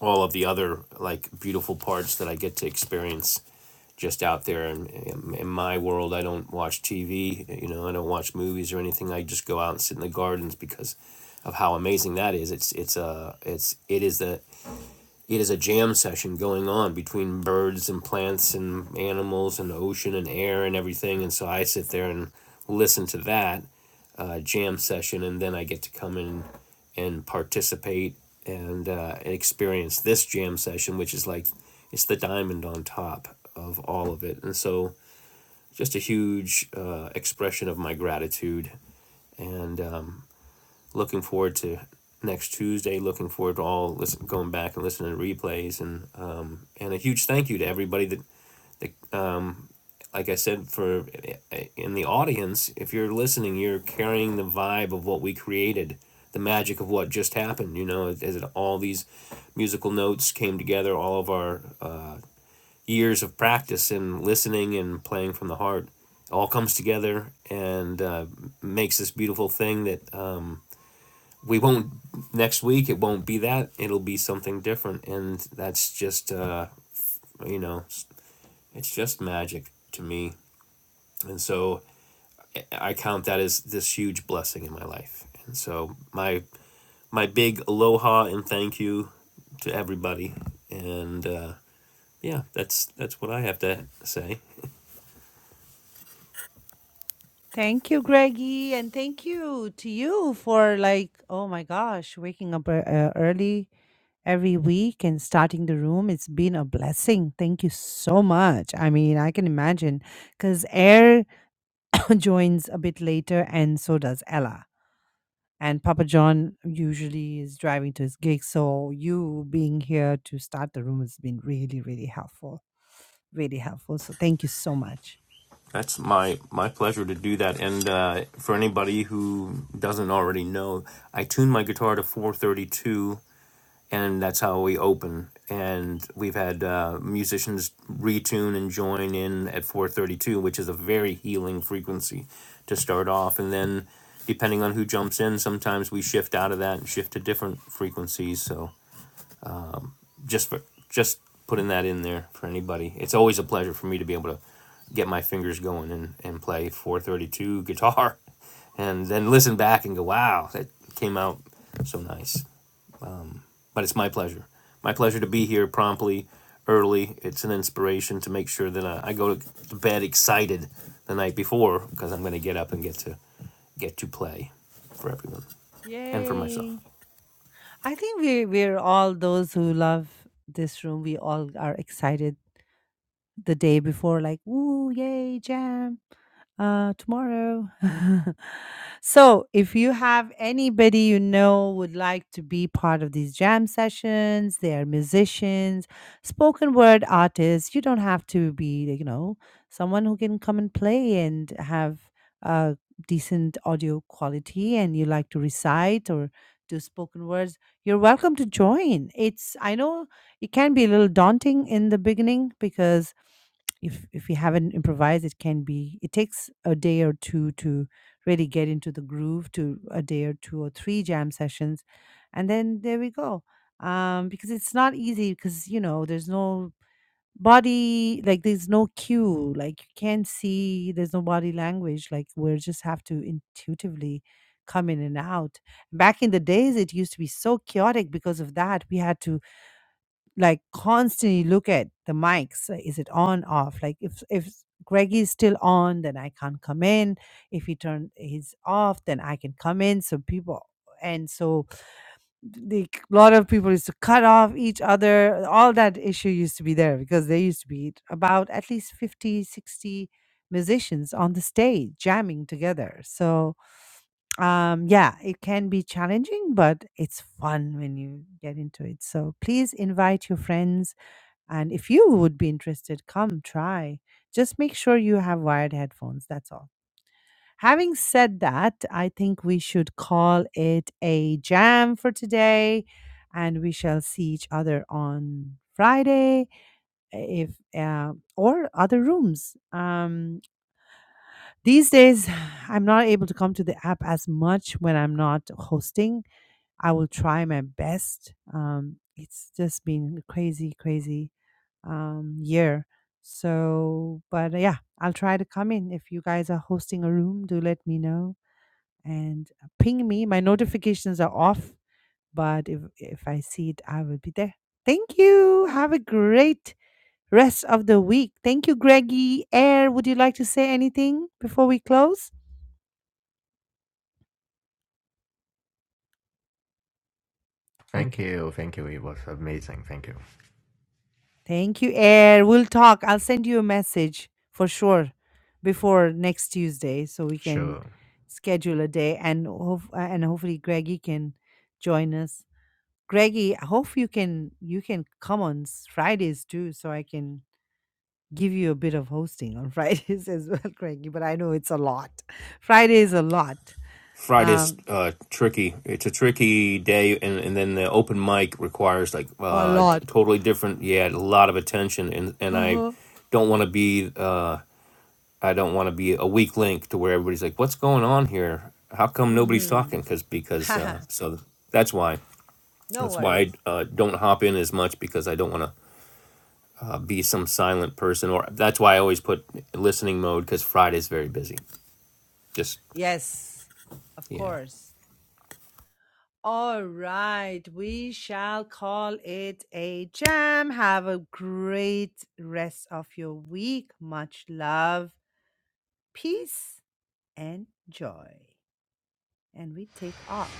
Speaker 2: all of the other like beautiful parts that I get to experience just out there in, in, in my world. I don't watch TV, you know, I don't watch movies or anything. I just go out and sit in the gardens because of how amazing that is. It's it's a it's it is the it is a jam session going on between birds and plants and animals and ocean and air and everything. And so I sit there and listen to that uh, jam session, and then I get to come in and participate and uh, experience this jam session, which is like it's the diamond on top of all of it. And so, just a huge uh, expression of my gratitude and um, looking forward to next Tuesday. Looking forward to all listen going back and listening to replays and um, and a huge thank you to everybody that. that Um, like I said, for eh, eh, in the audience, if you're listening, you're carrying the vibe of what we created, the magic of what just happened. You know, as it, all these musical notes came together, all of our uh, years of practice and listening and playing from the heart, it all comes together and uh, makes this beautiful thing that um, we won't next week. It won't be that. It'll be something different, and that's just uh, you know, it's just magic to me. And so I count that as this huge blessing in my life. And so my my big aloha and thank you to everybody. And uh, yeah, that's that's what I have to say.
Speaker 1: Thank you, Greggy, and thank you to you for like, oh my gosh, waking up ear- uh, early every week and starting the room. It's been a blessing. Thank you so much. I mean, I can imagine because Air joins a bit later, and so does Ella. and Papa John usually is driving to his gig. So you being here to start the room has been really, really helpful. Really helpful. So thank you so much.
Speaker 2: That's my my pleasure to do that. And uh, for anybody who doesn't already know, I tune my guitar to 432 and that's how we open. And we've had uh, musicians retune and join in at 4:32, which is a very healing frequency to start off. And then, depending on who jumps in, sometimes we shift out of that and shift to different frequencies. So just for just putting that in there for anybody, it's always a pleasure for me to be able to get my fingers going and, and play 432 guitar and then listen back and go wow that came out so nice but it's my pleasure. My pleasure to be here promptly, early. It's an inspiration to make sure that I, I go to bed excited the night before because I'm going to get up and get to get to play for everyone and for myself.
Speaker 1: Yay. I think we we're all those who love this room. We all are excited the day before, like, ooh, yay, jam. Uh, tomorrow. so, if you have anybody you know would like to be part of these jam sessions, they are musicians, spoken word artists. You don't have to be, you know, someone who can come and play and have uh, decent audio quality, and you like to recite or do spoken words. You're welcome to join. It's I know it can be a little daunting in the beginning because if if you haven't improvised it can be it takes a day or two to really get into the groove to a day or two or three jam sessions and then there we go um because it's not easy because you know there's no body like there's no cue like you can't see there's no body language like we just have to intuitively come in and out back in the days it used to be so chaotic because of that we had to like constantly look at the mics uh, is it on off like if if greg is still on then i can't come in if he turned his off then i can come in so people and so the lot of people used to cut off each other all that issue used to be there because there used to be about at least 50, 60 musicians on the stage jamming together so um yeah it can be challenging but it's fun when you get into it so please invite your friends and if you would be interested, come try. Just make sure you have wired headphones. That's all. Having said that, I think we should call it a jam for today. And we shall see each other on Friday if uh, or other rooms. Um, these days, I'm not able to come to the app as much when I'm not hosting. I will try my best. Um, it's just been crazy, crazy um, year. So, but uh, yeah, I'll try to come in. If you guys are hosting a room, do let me know and uh, ping me. My notifications are off, but if if I see it, I will be there. Thank you. Have a great rest of the week. Thank you, Greggy. Air, would you like to say anything before we close?
Speaker 4: Thank
Speaker 1: Okay.
Speaker 4: you, thank you. It was amazing. Thank you.
Speaker 1: Thank you, Air. We'll talk. I'll send you a message for sure before next Tuesday so we can
Speaker 4: Sure.
Speaker 1: schedule a day and hof- uh, and hopefully Greggy can join us. Greggy, I hope you can you can come on s- Fridays too so I can give you a bit of hosting on Fridays as well, Greggy, but I know it's a lot. Friday is a lot.
Speaker 2: Friday's
Speaker 1: Um
Speaker 2: uh, tricky. It's a tricky day, and, and then the open mic requires like
Speaker 1: a
Speaker 2: uh,
Speaker 1: lot.
Speaker 2: totally different. Yeah, a lot of attention, and and I
Speaker 1: Uh-huh.
Speaker 2: don't want to be. Uh, I don't want to be a weak link to where everybody's like, "What's going on here? How come nobody's
Speaker 1: Mhm.
Speaker 2: talking?" Because because uh, so that's why
Speaker 1: no
Speaker 2: that's why I
Speaker 1: worries.
Speaker 2: uh, don't hop in as much because I don't want to uh, be some silent person. Or that's why I always put listening mode because Friday's very busy. Just
Speaker 1: Yes. Of
Speaker 2: yeah.
Speaker 1: course. All right, we shall call it a jam. Have a great rest of your week. Much love, peace, and joy. And we take off.